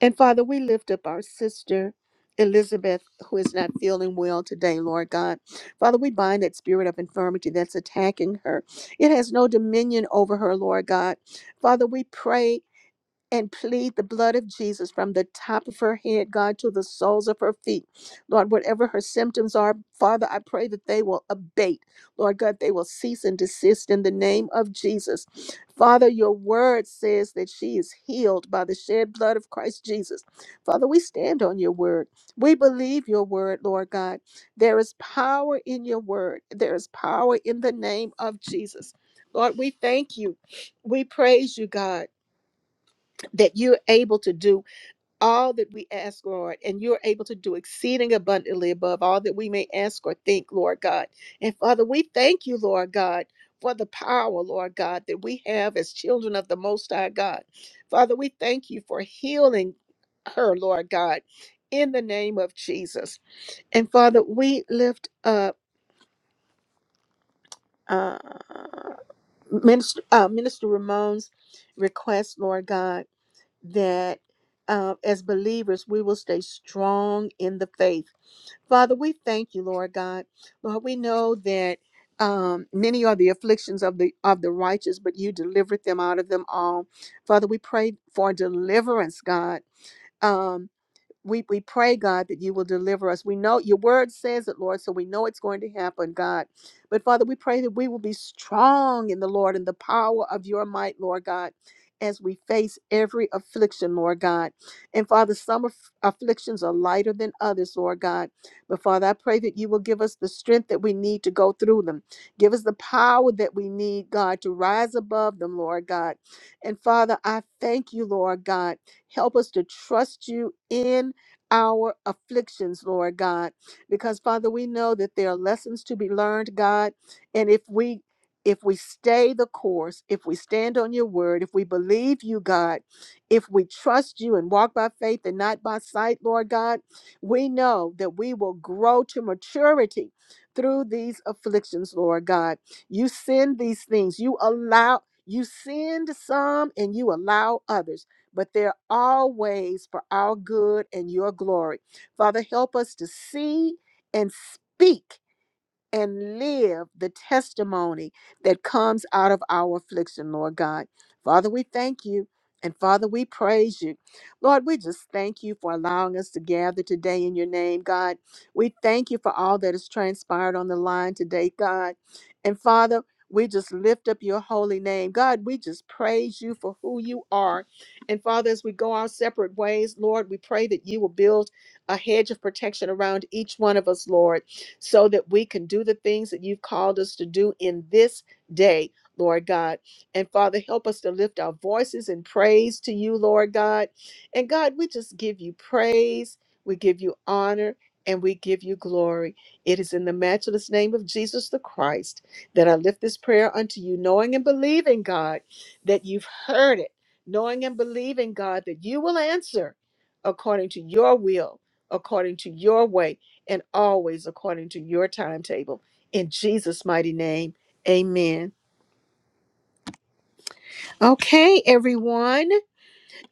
Speaker 1: And Father, we lift up our sister. Elizabeth, who is not feeling well today, Lord God. Father, we bind that spirit of infirmity that's attacking her. It has no dominion over her, Lord God. Father, we pray and plead the blood of Jesus from the top of her head, God, to the soles of her feet. Lord, whatever her symptoms are, Father, I pray that they will abate. Lord God, they will cease and desist in the name of Jesus. Father, your word says that she is healed by the shed blood of Christ Jesus. Father, we stand on your word. We believe your word, Lord God. There is power in your word, there is power in the name of Jesus. Lord, we thank you. We praise you, God that you're able to do all that we ask, Lord, and you're able to do exceeding abundantly above all that we may ask or think, Lord God. And Father, we thank you, Lord God. For the power, Lord God, that we have as children of the Most High God. Father, we thank you for healing her, Lord God, in the name of Jesus. And Father, we lift up uh, Minister, uh, Minister Ramon's request, Lord God that uh, as believers, we will stay strong in the faith. Father, we thank you, Lord God. Lord, we know that um, many are the afflictions of the of the righteous, but you delivered them out of them all. Father, we pray for deliverance, God. Um, we we pray god that you will deliver us we know your word says it lord so we know it's going to happen god but father we pray that we will be strong in the lord and the power of your might lord god as we face every affliction, Lord God. And Father, some aff- afflictions are lighter than others, Lord God. But Father, I pray that you will give us the strength that we need to go through them. Give us the power that we need, God, to rise above them, Lord God. And Father, I thank you, Lord God. Help us to trust you in our afflictions, Lord God, because Father, we know that there are lessons to be learned, God, and if we if we stay the course, if we stand on your word, if we believe you, God, if we trust you and walk by faith and not by sight, Lord God, we know that we will grow to maturity through these afflictions, Lord God. You send these things, you allow, you send some and you allow others but they're always for our good and your glory. Father, help us to see and speak and live the testimony that comes out of our affliction, Lord God. Father, we thank you. And Father, we praise you. Lord, we just thank you for allowing us to gather today in your name, God. We thank you for all that has transpired on the line today, God. And Father, we just lift up your holy name. God, we just praise you for who you are. And Father, as we go our separate ways, Lord, we pray that you will build a hedge of protection around each one of us, Lord so that we can do the things that you've called us to do in this day, Lord God. And Father, help us to lift our voices in praise to you, Lord God. And God, we just give you praise, we give you honor, and we give you glory. It is in the matchless name of Jesus the Christ that I lift this prayer unto you, knowing and believing, God, that you've heard it, knowing and believing, God, that you will answer according to your will, according to your way and always according to your timetable. In Jesus' mighty name, amen. Okay, everyone.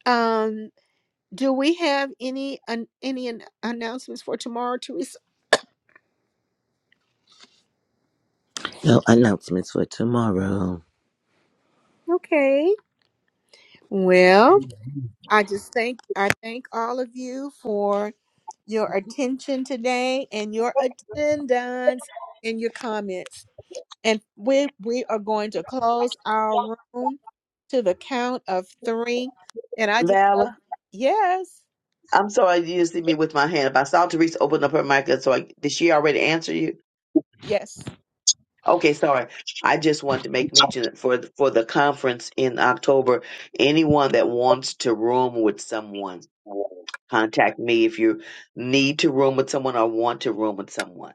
Speaker 1: Um, do we have any an, any an- announcements for tomorrow, Teresa?
Speaker 4: No announcements for tomorrow.
Speaker 1: Okay. Well, I just thank I thank all of you for your attention today and your attendance and your comments. And we we are going to close our room to the count of three. And I just love
Speaker 9: Vala,
Speaker 1: yes.
Speaker 9: I'm sorry you didn't see me with my hand up. I saw Teresa open up her mic, and so I, did she already answer you?
Speaker 1: Yes.
Speaker 9: Okay, sorry. I just wanted to make mention for the, for the conference in October. Anyone that wants to room with someone, contact me if you need to room with someone or want to room with someone.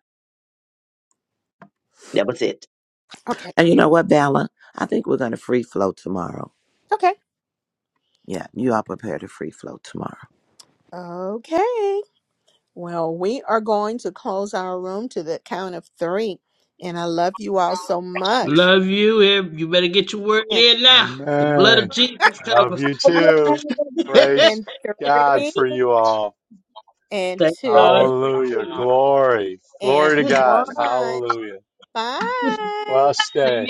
Speaker 9: That was it.
Speaker 1: Okay.
Speaker 4: And you know what, Bella? I think we're going to free flow tomorrow.
Speaker 1: Okay.
Speaker 4: Yeah, you are prepared to free flow tomorrow.
Speaker 1: Okay. Well, we are going to close our room to the count of three. And I love you all so much.
Speaker 7: Love you. and You better get your word
Speaker 1: And
Speaker 7: in now. The blood of
Speaker 2: Amen.
Speaker 7: Jesus
Speaker 2: Love
Speaker 7: covers.
Speaker 2: you too.
Speaker 12: Amen.
Speaker 7: [laughs] Thank
Speaker 2: Praise
Speaker 1: and
Speaker 2: God
Speaker 1: three
Speaker 2: for you all.
Speaker 1: and
Speaker 7: God
Speaker 1: two
Speaker 7: for
Speaker 2: Hallelujah.
Speaker 7: you.
Speaker 2: Glory.
Speaker 1: and
Speaker 2: Glory to God.
Speaker 1: one.
Speaker 2: Hallelujah.
Speaker 1: Bye.
Speaker 2: Blessed day.